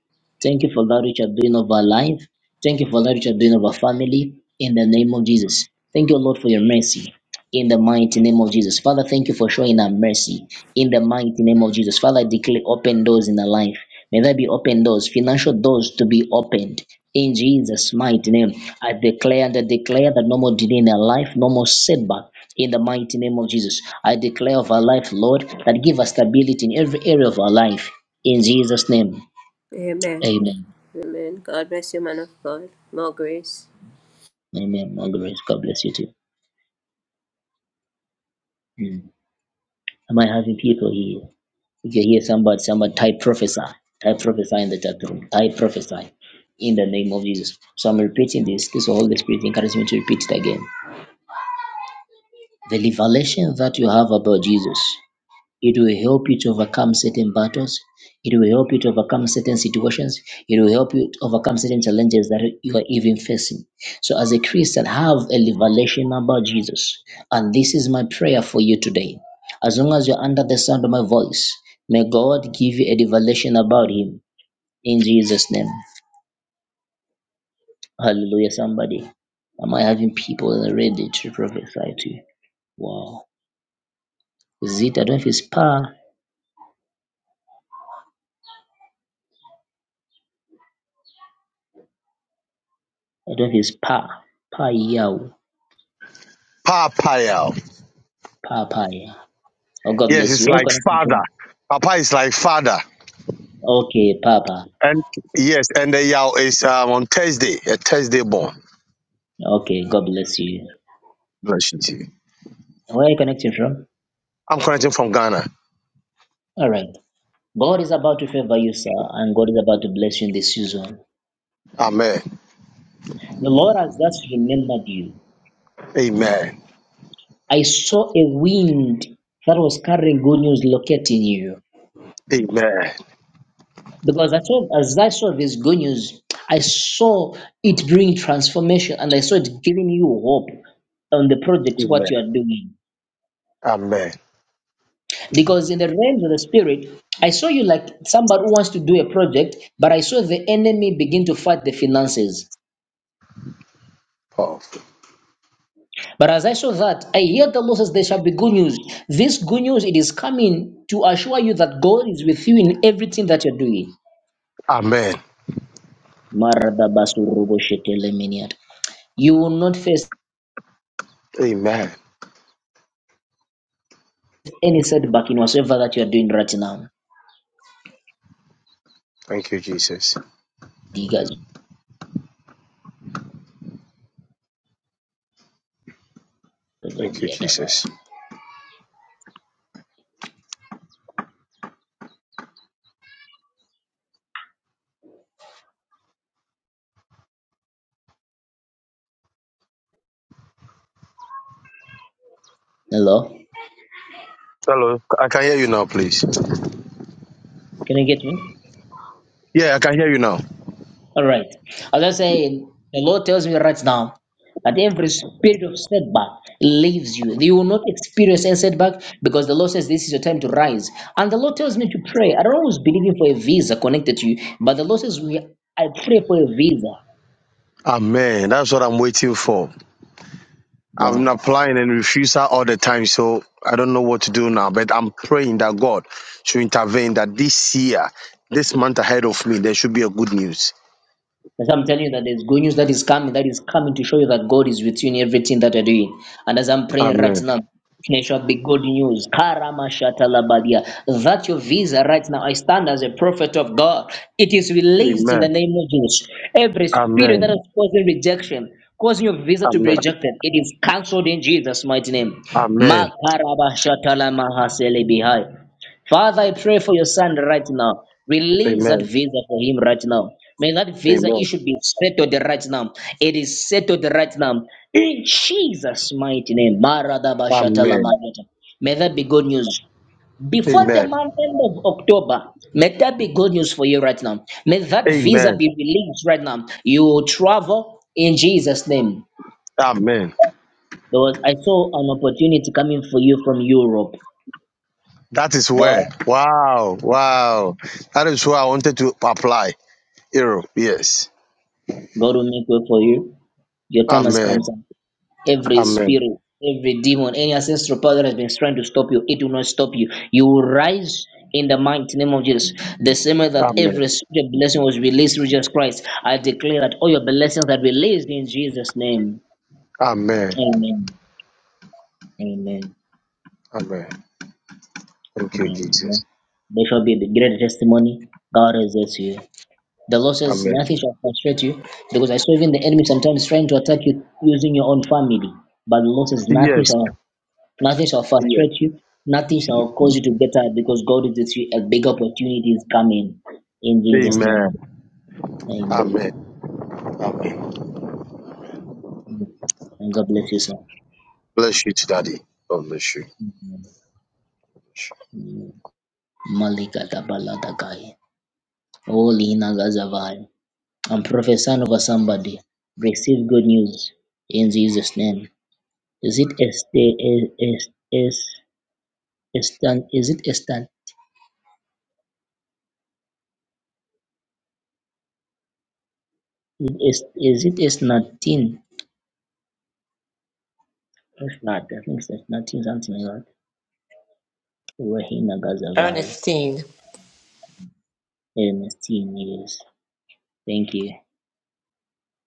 Thank you for that which you are doing of our life. Thank you for that which you are doing of our family. In the name of Jesus. Thank you, Lord, for your mercy. In the mighty name of Jesus. Father, thank you for showing our mercy. In the mighty name of Jesus. Father, I declare open doors in our life. May there be open doors, financial doors to be opened. In Jesus' mighty name, I declare and I declare that no more delay in our life, no more setback. In the mighty name of Jesus, I declare of our life, Lord, that give us stability in every area of our life. In Jesus' name, Amen. amen. Amen. God bless you, man of God. More grace. Amen. All the rest. God bless you too. Mm. Am I having people here? If you hear somebody, somebody type prophesy. Type prophesy in the chat room. Type prophesy in the name of Jesus. So I'm repeating this because the Holy Spirit encouraged me to repeat it again. The revelation that you have about Jesus it will help you to overcome certain battles. It will help you to overcome certain situations. It will help you to overcome certain challenges that you are even facing. So, as a Christian, have a revelation about Jesus. And this is my prayer for you today. As long as you're under the sound of my voice, may God give you a revelation about Him in Jesus' name. Hallelujah, somebody. Am I having people that are ready to prophesy to you? Wow. Is it? I don't know if it's pa. I don't know if it's pa. Pa yao. Papayao. Papa, yeah. Oh, God Yes, bless it's you. Where are you like connecting father. from? Papa is like father. Okay, Papa. And yes, and the Yao is um, on Thursday, a Thursday born. Okay, God bless you. Bless you. too. Where are you connecting from? I'm connecting from Ghana. All right. God is about to favor you, sir, and God is about to bless you in this season. Amen. The Lord has just remembered you. Amen. I saw a wind that was carrying good news locating you. Amen. Because I saw, as I saw this good news, I saw it bring transformation and I saw it giving you hope on the project, what Amen. you are doing. Amen. Because in the realms of the spirit, I saw you like somebody who wants to do a project, but I saw the enemy begin to fight the finances. Powerful. But as I saw that, I hear the Lord says there shall be good news. This good news it is coming to assure you that God is with you in everything that you're doing. Amen. Maradabasuruboshiteleminiat. You will not face Amen. any setback in whatsoever that you're doing right now. Thank you, Jesus. Thank you, Jesus. Hello? Hello. I can hear you now, please. Can you get me? Yeah, I can hear you now. All right. As I say, the Lord tells me right now that every spirit of setback leaves you. You will not experience any setback because the Lord says this is your time to rise. And the Lord tells me to pray. I don't always believe in for a visa connected to you, but the Lord says we I pray for a visa. Amen. That's what I'm waiting for. I've Wow. been applying and refusal all the time, so I don't know what to do now. But I'm praying that God should intervene that this year, this month ahead of me, there should be a good news. As I'm telling you that there's good news that is coming, that is coming to show you that God is with you in everything that you're doing. And as I'm praying right Amen. now, there shall be good news. Karama shatalabadia. That your visa right now, I stand as a prophet of God. It is released in the Amen. name of Jesus. Every spirit that Amen. is causing rejection, causing your visa to be Amen. rejected, it is cancelled in Jesus' mighty name. Amen. Amen. Makaraba shatalamahaselebihai. Father, I pray for your son right now. Release that Amen. visa for him right now. May that visa Amen. issue be settled right now. It is settled right now. In Jesus' mighty name. Amen. Maradabashatalamadata. May that be good news. Before the month end of October, may that be good news for you right now. May that visa Amen. be released right now. You will travel in Jesus' name. Amen. Because I saw an opportunity coming for you from Europe. That is where. God, Wow. Wow. That is where I wanted to apply. Europe. Yes. God will make way for you. Your time has come. Amen. sir. every Amen. spirit, every demon, any ancestral power that has been trying to stop you, it will not stop you. You will rise in the mighty name of Jesus. The same way that Amen. every spirit blessing was released through Jesus Christ, I declare that all your blessings are released in Jesus' name. Amen. Amen. Amen. Amen. Thank you, Amen. Jesus. Amen. There shall be the great testimony. God resists you. The Lord says Amen. nothing shall frustrate you because I saw even the enemy sometimes trying to attack you using your own family. But the Lord says nothing Yes. shall Nothing shall Yes. frustrate you. Nothing shall cause you to get tired because God is with you. A big opportunity is coming in Jesus' Amen. name. Amen. Amen. Amen. And God bless you, sir. Bless you, Daddy. God bless you. Amen. Malika Dabaladakai. Holy Nagazavai. I'm prophesying over somebody. Receive good news in Jesus' name. Is it is is is is is it Estan? Is is it Esnatin? If not, I think it's Esnatin something like that. Wahina Ernestine. Ernestine, yes. Thank you.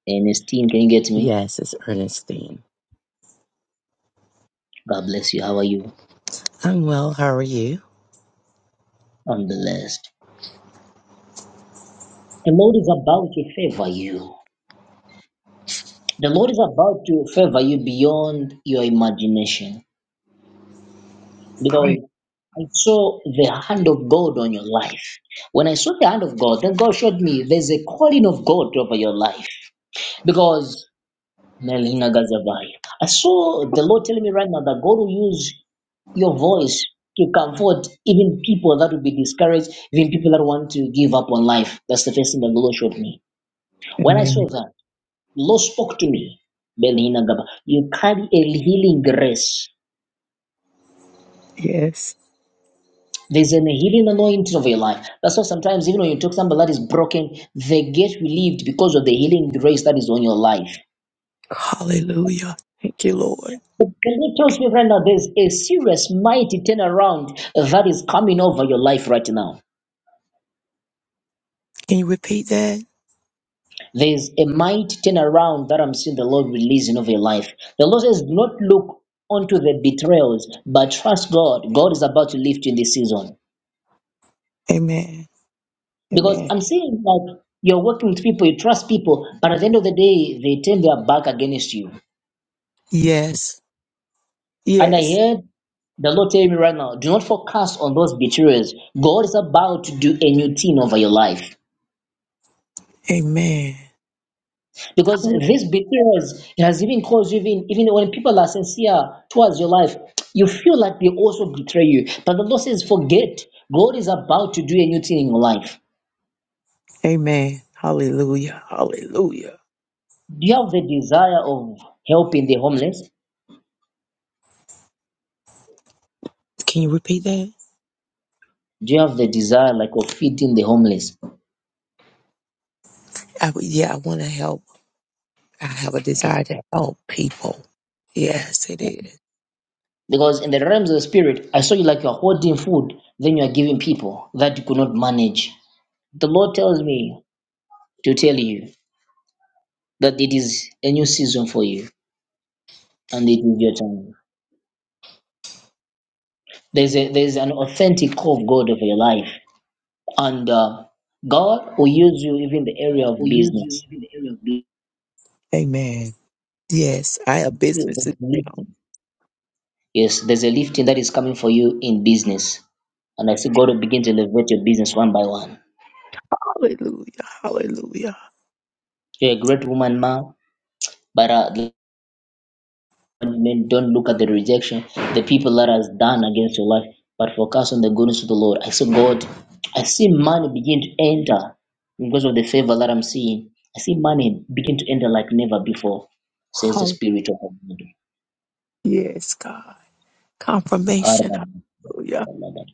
Ernestine, can you get me? Yes, it's Ernestine. God bless you. How are you? I'm well. How are you? I'm blessed. The Lord is about to favor you. The Lord is about to favor you beyond your imagination. Because I saw the hand of God on your life. When I saw the hand of God, then God showed me there's a calling of God over your life. Because Melina Gazavai. I saw the Lord telling me right now that God will use your voice to comfort even people that will be discouraged, even people that want to give up on life. That's the first thing that the Lord showed me. When I Amen. saw that, the Lord spoke to me, Melina Gaba. You carry a healing grace. Yes. There's an healing anointing of your life. That's why sometimes, even when you talk to somebody that is broken, they get relieved because of the healing grace that is on your life. Hallelujah. Thank you, Lord. Can you trust me right now? There's a serious mighty turnaround that is coming over your life right now. Can you repeat that? There's a mighty turnaround that I'm seeing the Lord releasing over your life. The Lord says, Do not look onto the betrayals, but trust God. God is about to lift you in this season. Amen. Because Amen. I'm seeing like you're working with people, you trust people, but at the end of the day, they turn their back against you. Yes. And I Yes. heard the Lord tell me right now, do not focus on those betrayals. God is about to do a new thing over your life. Amen. because Hall- this betrayals has even caused you even even when people are sincere towards your life you feel like they also betray you but the lord says forget god is about to do a new thing in your life Amen. Hallelujah. Hallelujah. do you have the desire of helping the homeless Can you repeat that? do you have the desire like of feeding the homeless I, w- yeah, I want to help. I have a okay desire to help people. Yes, it is. because in the realms of the spirit i saw you like you're hoarding food then you're giving people that you could not manage the lord tells me to tell you that it is a new season for you and it is your time There's a there's an authentic call of God of your life, and uh, God will use you even in the area All of will use you business. in the area of Amen. Yes, I have Yeah, There's businesses. a down. lifting. Yes, there's a lifting that is coming for you in business, and I see God will begin to elevate your business one by one. Hallelujah. Hallelujah. You're a great woman, ma, but uh, And then don't look at the rejection, the people that has done against your life, but focus on the goodness of the Lord. I see God, I see money begin to enter because of the favor that I'm seeing. I see money begin to enter like never before, says the Hall- Spirit yes, God. Confirmation. of Hallelujah. God.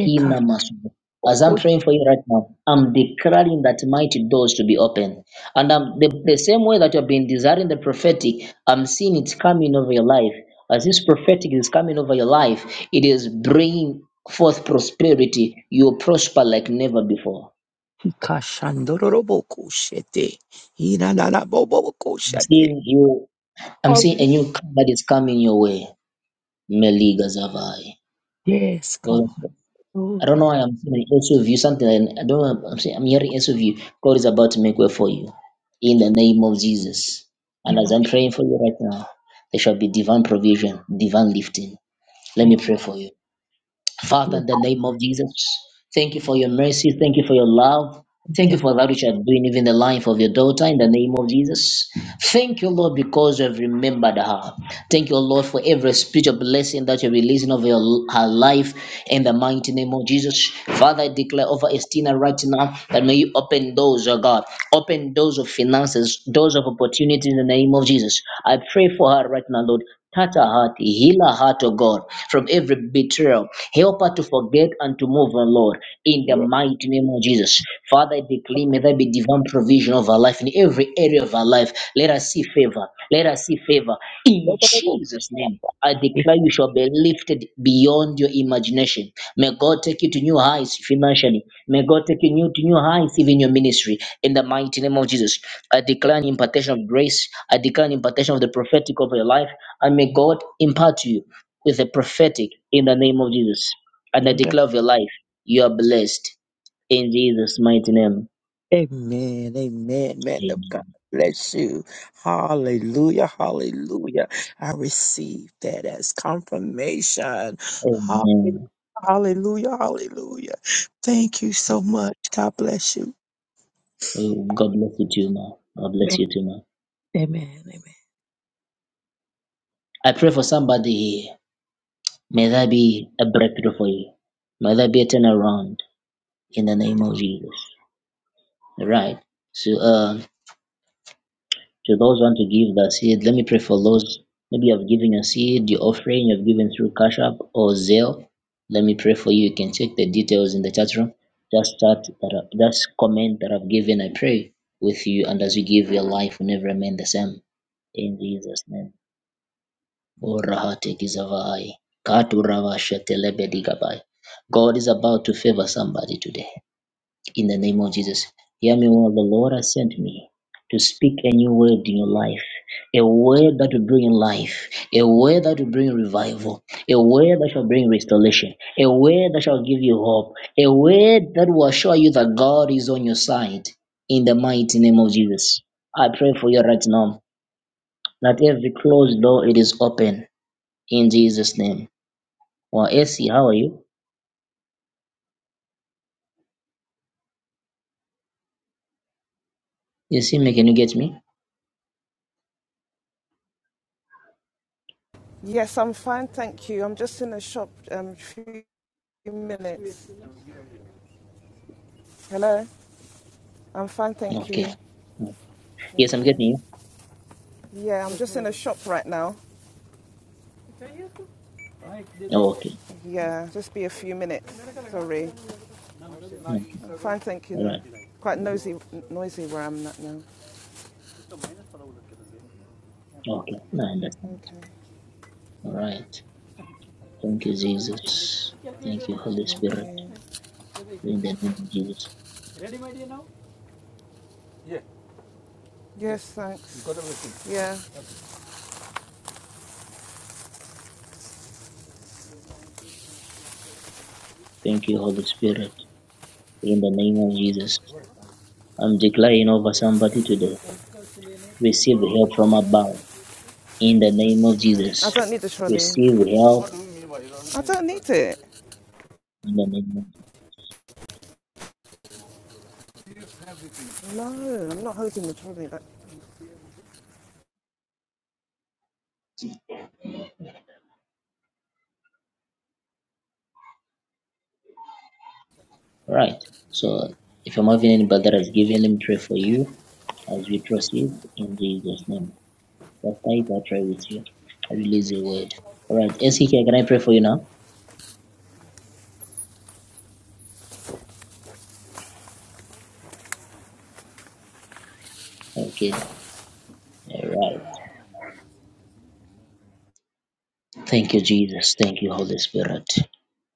Kina Masubo. As I'm praying for you right now, I'm declaring that mighty doors to be open. And I'm, the, the same way that you've been desiring the prophetic, I'm seeing it's coming over your life. As this prophetic is coming over your life, it is bringing forth prosperity. You'll prosper like never before. Ekashokoshandororobokoshete. I'm Iranarabobokoshate. seeing you. I'm seeing a Hallelujah. new car that is coming your way. Meliga Zavai. Yes, God. I don't know Hallelujah. why I'm feeling SUV, something like- I don't know. I'm, saying, I'm hearing SUV. God is about to make way for you in the name of Jesus. And Name as of I'm Jesus. praying for you right now, there shall be divine provision, divine lifting. Let me pray for you. Father, Thank in the name of Jesus, thank you for your mercy. Thank you for your love. Thank you you, for that which you are doing even the life of your daughter in the name of Jesus. Thank you, Lord, because you have remembered her. Thank you, Lord, for every spiritual blessing that you're releasing over your, her life in the mighty name of Jesus. Father, I declare over Estina right now that may you open doors, oh God. Open doors of finances, doors of opportunities in the name of Jesus. I pray for her right now, Lord. Tata heart, heal our heart, O God, from every betrayal. Help her to forget and to move on, Lord, in the Lord. mighty name of Jesus. Father, I declare, may there be divine provision of our life in every area of our life. Let us see favor. Let us see favor. In Jesus' name, I Yes, declare you shall be lifted beyond your imagination. May God take you to new heights financially. May God take you new, to new heights even in your ministry. In the mighty name of Jesus, I declare an impartation of grace. I declare an impartation of the prophetic over your life. And may God impart to you with the prophetic in the name of Jesus. And I God. declare of your life, you are blessed. In Jesus' mighty name. Amen, amen, man of God. Amen. Bless you. Hallelujah, hallelujah. I receive that as confirmation. Hallelujah, Amen. hallelujah. hallelujah. Thank you so much. God bless you. Oh, God bless you too, man. God bless Amen. you too, man. Amen. amen. I pray for somebody here. May that be a breakthrough for you. May that be a turnaround in the name of Jesus. All right. So, uh, to those who want to give the seed, let me pray for those. Maybe you have given your seed, your offering, you've given through Cash App or Zelle. Let me pray for you. You can check the details in the chat room. Just chat that up, just comment that I've given. I pray with you, and as you give, your life will never remain the same. In Jesus' name. Borahate Gizavai. Katurava Shetelebedi Gabai. God is about to favor somebody today. In the name of Jesus. Hear me well. The Lord has sent me to speak a new word in your life. A word that will bring life. A word that will bring revival. A word that shall bring restoration. A word that shall give you hope. A word that will assure you that God is on your side. In the mighty name of Jesus. I pray for you right now that every closed door it is open in Jesus' name. Well, AC, how are you? AC, may- can you get me? Yes, I'm fine, thank you. I'm just in the shop um few minutes. Hello? I'm fine, thank Okay. you. Yes, Yes, I'm too. getting you. Yeah, I'm just in the shop right now. Oh, okay. Yeah, just be a few minutes. Sorry. Okay. I'm fine, thank you All though. right. Quite Mhm. noisy noisy where I'm at now. Okay. I understand. Okay. All right. Thank you, Jesus. Thank you, Holy Spirit. Okay. In the name of Jesus. Yes, thanks. Yeah. Thank you, Holy Spirit. In the name of Jesus. I'm declaring over somebody today. Receive help from above. In the name of I Jesus. don't need the trolley. Receive help I don't need it. in the name of Jesus. No, I'm not holding the trolley. That All right. So if I'm having anybody that has given, let me pray for you. As we proceed in Jesus' name. Pastor, if I pray with you, I release a word. All right, SK, can I pray for you now? Okay. All right. Thank you, Jesus. Thank you, Holy Spirit.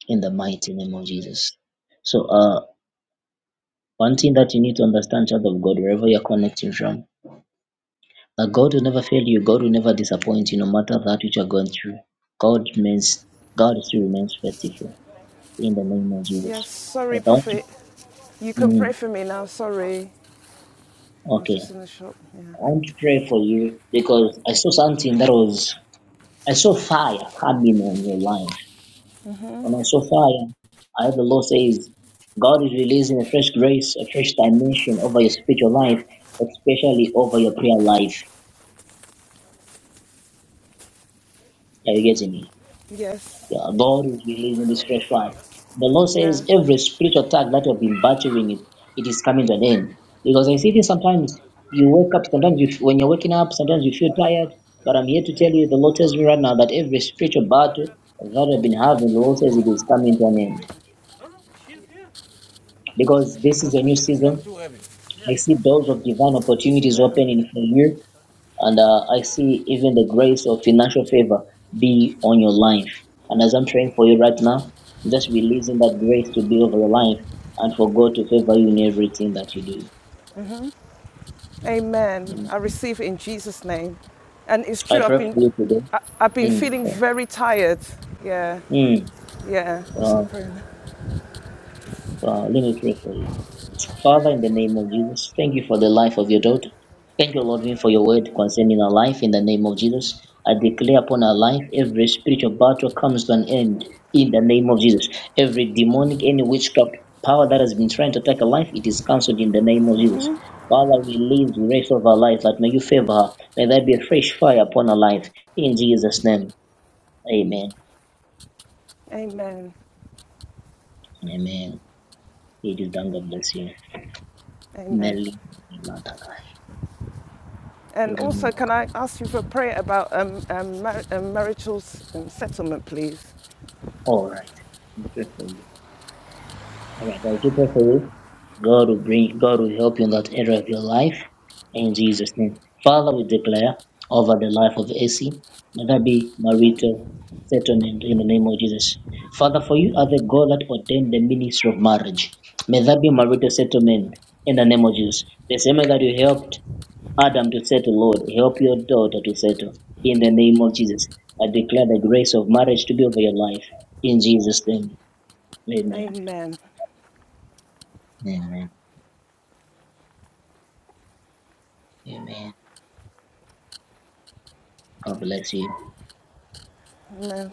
In the mighty name of Jesus. So, uh, one thing that you need to understand, child of God, wherever you're connecting from, that God will never fail you. God will never disappoint you, no matter that which you're going through. God remains, God still remains faithful. In the name of Yes, Jesus. I sorry, want to. Prophet. You can pray mm, for me now. Sorry. I was Okay. just in the shop. Yeah. I want to pray for you because I saw something that was, I saw fire coming on your life. When I saw fire, I heard the Lord says, God is releasing a fresh grace, a fresh dimension over your spiritual life, especially over your prayer life. Are you getting me? Yes. Yeah, God is releasing this fresh word. The Lord says Yeah. every spiritual attack that you have been battling it, it is coming to an end. Because I see this sometimes you wake up, sometimes you, when you're waking up, sometimes you feel tired. But I'm here to tell you, the Lord tells me right now that every spiritual battle that you've been having, the Lord says it is coming to an end. Because this is a new season. I see doors of divine See you opportunities later. opening for you. And uh, I see even the grace of financial favor be on your life. And as I'm praying for you right now, I'm just releasing that grace to be over your life and for God to favor you in everything that you do. Amen. Amen. I receive it in Jesus' name. And it's I true, I've pray been for you today. I, I've been Mm. feeling uh, very tired. Yeah, Mm. yeah. Because of the Uh, prayer. uh, let me pray for you. Father, in the name of Jesus, thank you for the life of your daughter. Thank you, Lord, for your word concerning our life. In the name of Jesus, I declare upon our life every spiritual battle comes to an end. In the name of Jesus, every demonic, any witchcraft power that has been trying to attack our life, it is cancelled in the name of Jesus. Father, we leave the rest of our life, that may you favor her. May there be a fresh fire upon our life. In Jesus' name, amen. Amen. Amen. It is done. God bless you. Amen. Melly. And also, can I ask you for prayer about um, um, mar- um, marital s- um, settlement, please? All right. I All right, as you pray for you, God will bring, God will help you in that area of your life. In Jesus' name. Father, we declare over the life of AC, may that be marital settlement in the name of Jesus. Father, for you are the God that ordained the ministry of marriage. May that be marital settlement in the name of Jesus. The same way that you helped Adam to settle, Lord, help your daughter to settle in the name of Jesus. I declare the grace of marriage to be over your life in Jesus' name. Amen. Amen. Amen. Amen. God bless you. Amen.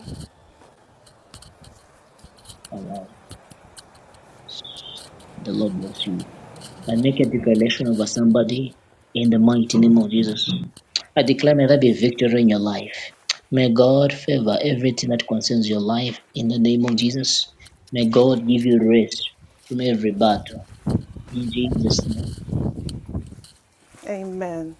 All right. The Lord bless you. I make a declaration over somebody in the mighty name of Jesus. I declare may there be victory in your life. May God favor everything that concerns your life in the name of Jesus. May God give you rest from every battle in Jesus' name. Amen.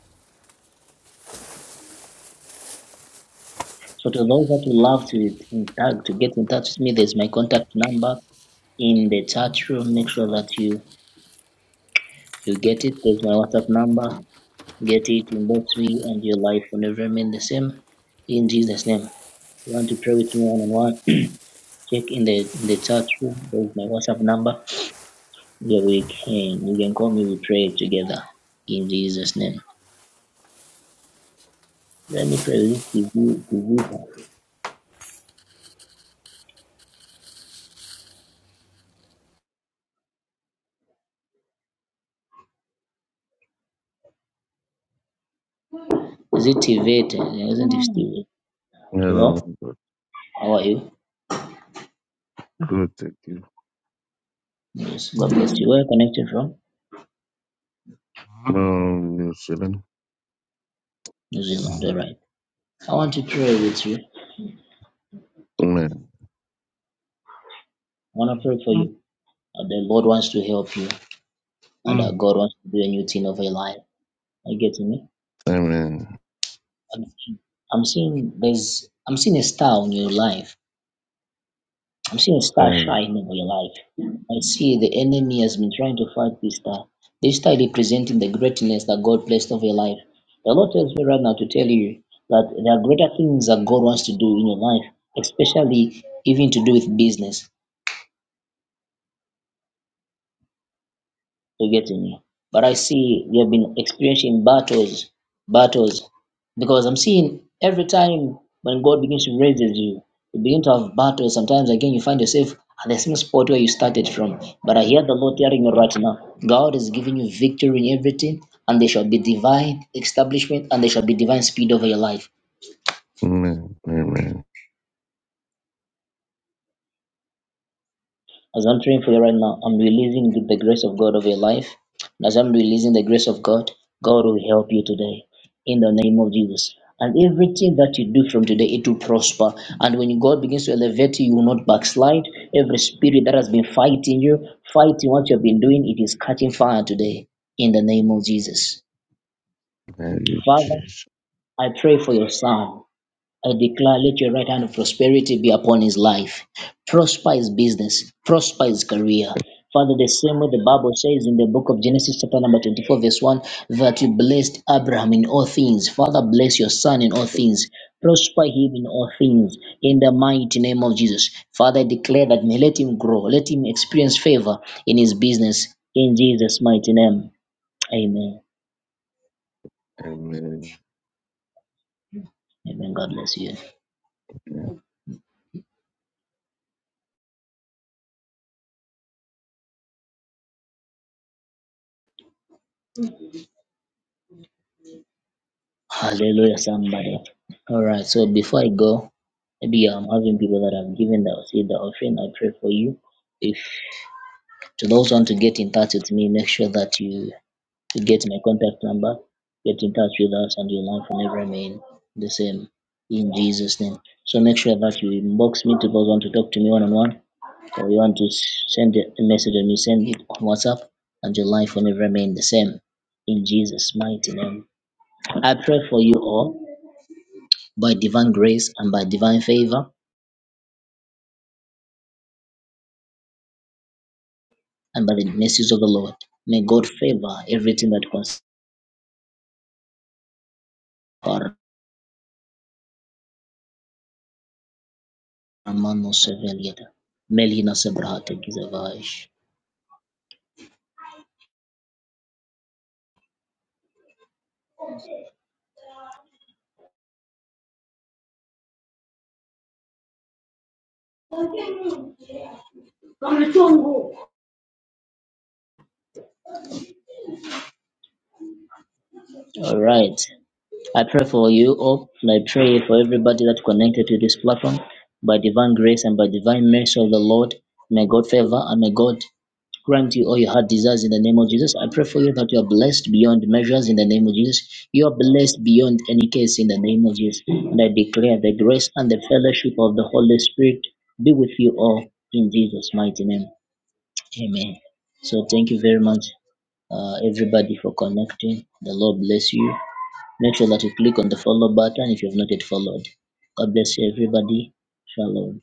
So to those that would love to in touch, to get in touch with me, there's my contact number in the chat room. Make sure that you you get it. There's my WhatsApp number. Get it in that way, and your life will never remain the same. In Jesus' name. You want to pray with me one on one? Check in the in the chat room. There's my WhatsApp number. Yeah, we can you can call me. We pray together. In Jesus' name. Let me pray with you. Tivita. Is it Tivita? Isn't it Mm. Tivita? No, Hello. How are you? good, thank you. Yes. God bless you. Where are you connected from? No, you're chilling. New Zealand. All right. I want to pray with you. I Man, want to pray for amen, you. Uh, The Lord wants to help you, and uh, God wants to do a new thing of your life. Are you getting me? amen, I'm seeing, I'm seeing there's I'm seeing a star on your life. I'm seeing a star amen, shining on your life. I see the enemy has been trying to fight this star. This star representing the greatness that God placed over your life. The Lord tells me right now to tell you that there are greater things that God wants to do in your life, especially even to do with business. You getting me? But I see we have been experiencing battles, battles, because I'm seeing every time when God begins to raise you, you begin to have battles. Sometimes again, you find yourself at the same spot where you started from. But I hear the Lord telling you right now, God is giving you victory in everything, and there shall be divine establishment, and there shall be divine speed over your life. amen. As I'm praying for you right now, I'm releasing the, the grace of God over your life. And as I'm releasing the grace of God, God will help you today in the name of Jesus. And everything that you do from today, it will prosper. And when God begins to elevate you, you will not backslide. Every spirit that has been fighting you, fighting what you have been doing, it is catching fire today in the name of Jesus. Thank you, Father, Jesus. I pray for your son. I declare, let your right hand of prosperity be upon his life. Prosper his business, prosper his career. Father, the same way the Bible says in the book of Genesis, chapter number 24, verse 1, that you blessed Abraham in all things. Father, bless your son in all things. Prosper him in all things in the mighty name of Jesus. Father, I declare that may let him grow, let him experience favor in his business in Jesus' mighty name. Amen. Amen. Amen. God bless you. Hallelujah, somebody. All right. So before I go, maybe I'm having people that have given that say the offering. I pray for you. If to those want to get in touch with me, make sure that you, you get my contact number. Get in touch with us, and your life will never remain the same. In Jesus' name. So make sure that you inbox me to those want to talk to me one on one, or you want to s- send a message and you send it on WhatsApp, and your life will never remain the same. In Jesus' mighty name. I pray for you all by divine grace and by divine favor and by the mercies of the Lord. May God favor everything that concerns our Ramano Sevelieta. Melina Sebrahata Gizavash. All right. I pray for you all, and I pray for everybody that connected to this platform by divine grace and by divine mercy of the Lord. May God favor and may God Grant you all your heart desires in the name of Jesus. I pray for you that you are blessed beyond measures in the name of Jesus. You are blessed beyond any case in the name of Jesus. And I declare the grace and the fellowship of the Holy Spirit be with you all in Jesus' mighty name. Amen. So thank you very much, uh, everybody, for connecting. The Lord bless you. Make sure that you click on the follow button if you have not yet followed. God bless you, everybody. Shalom.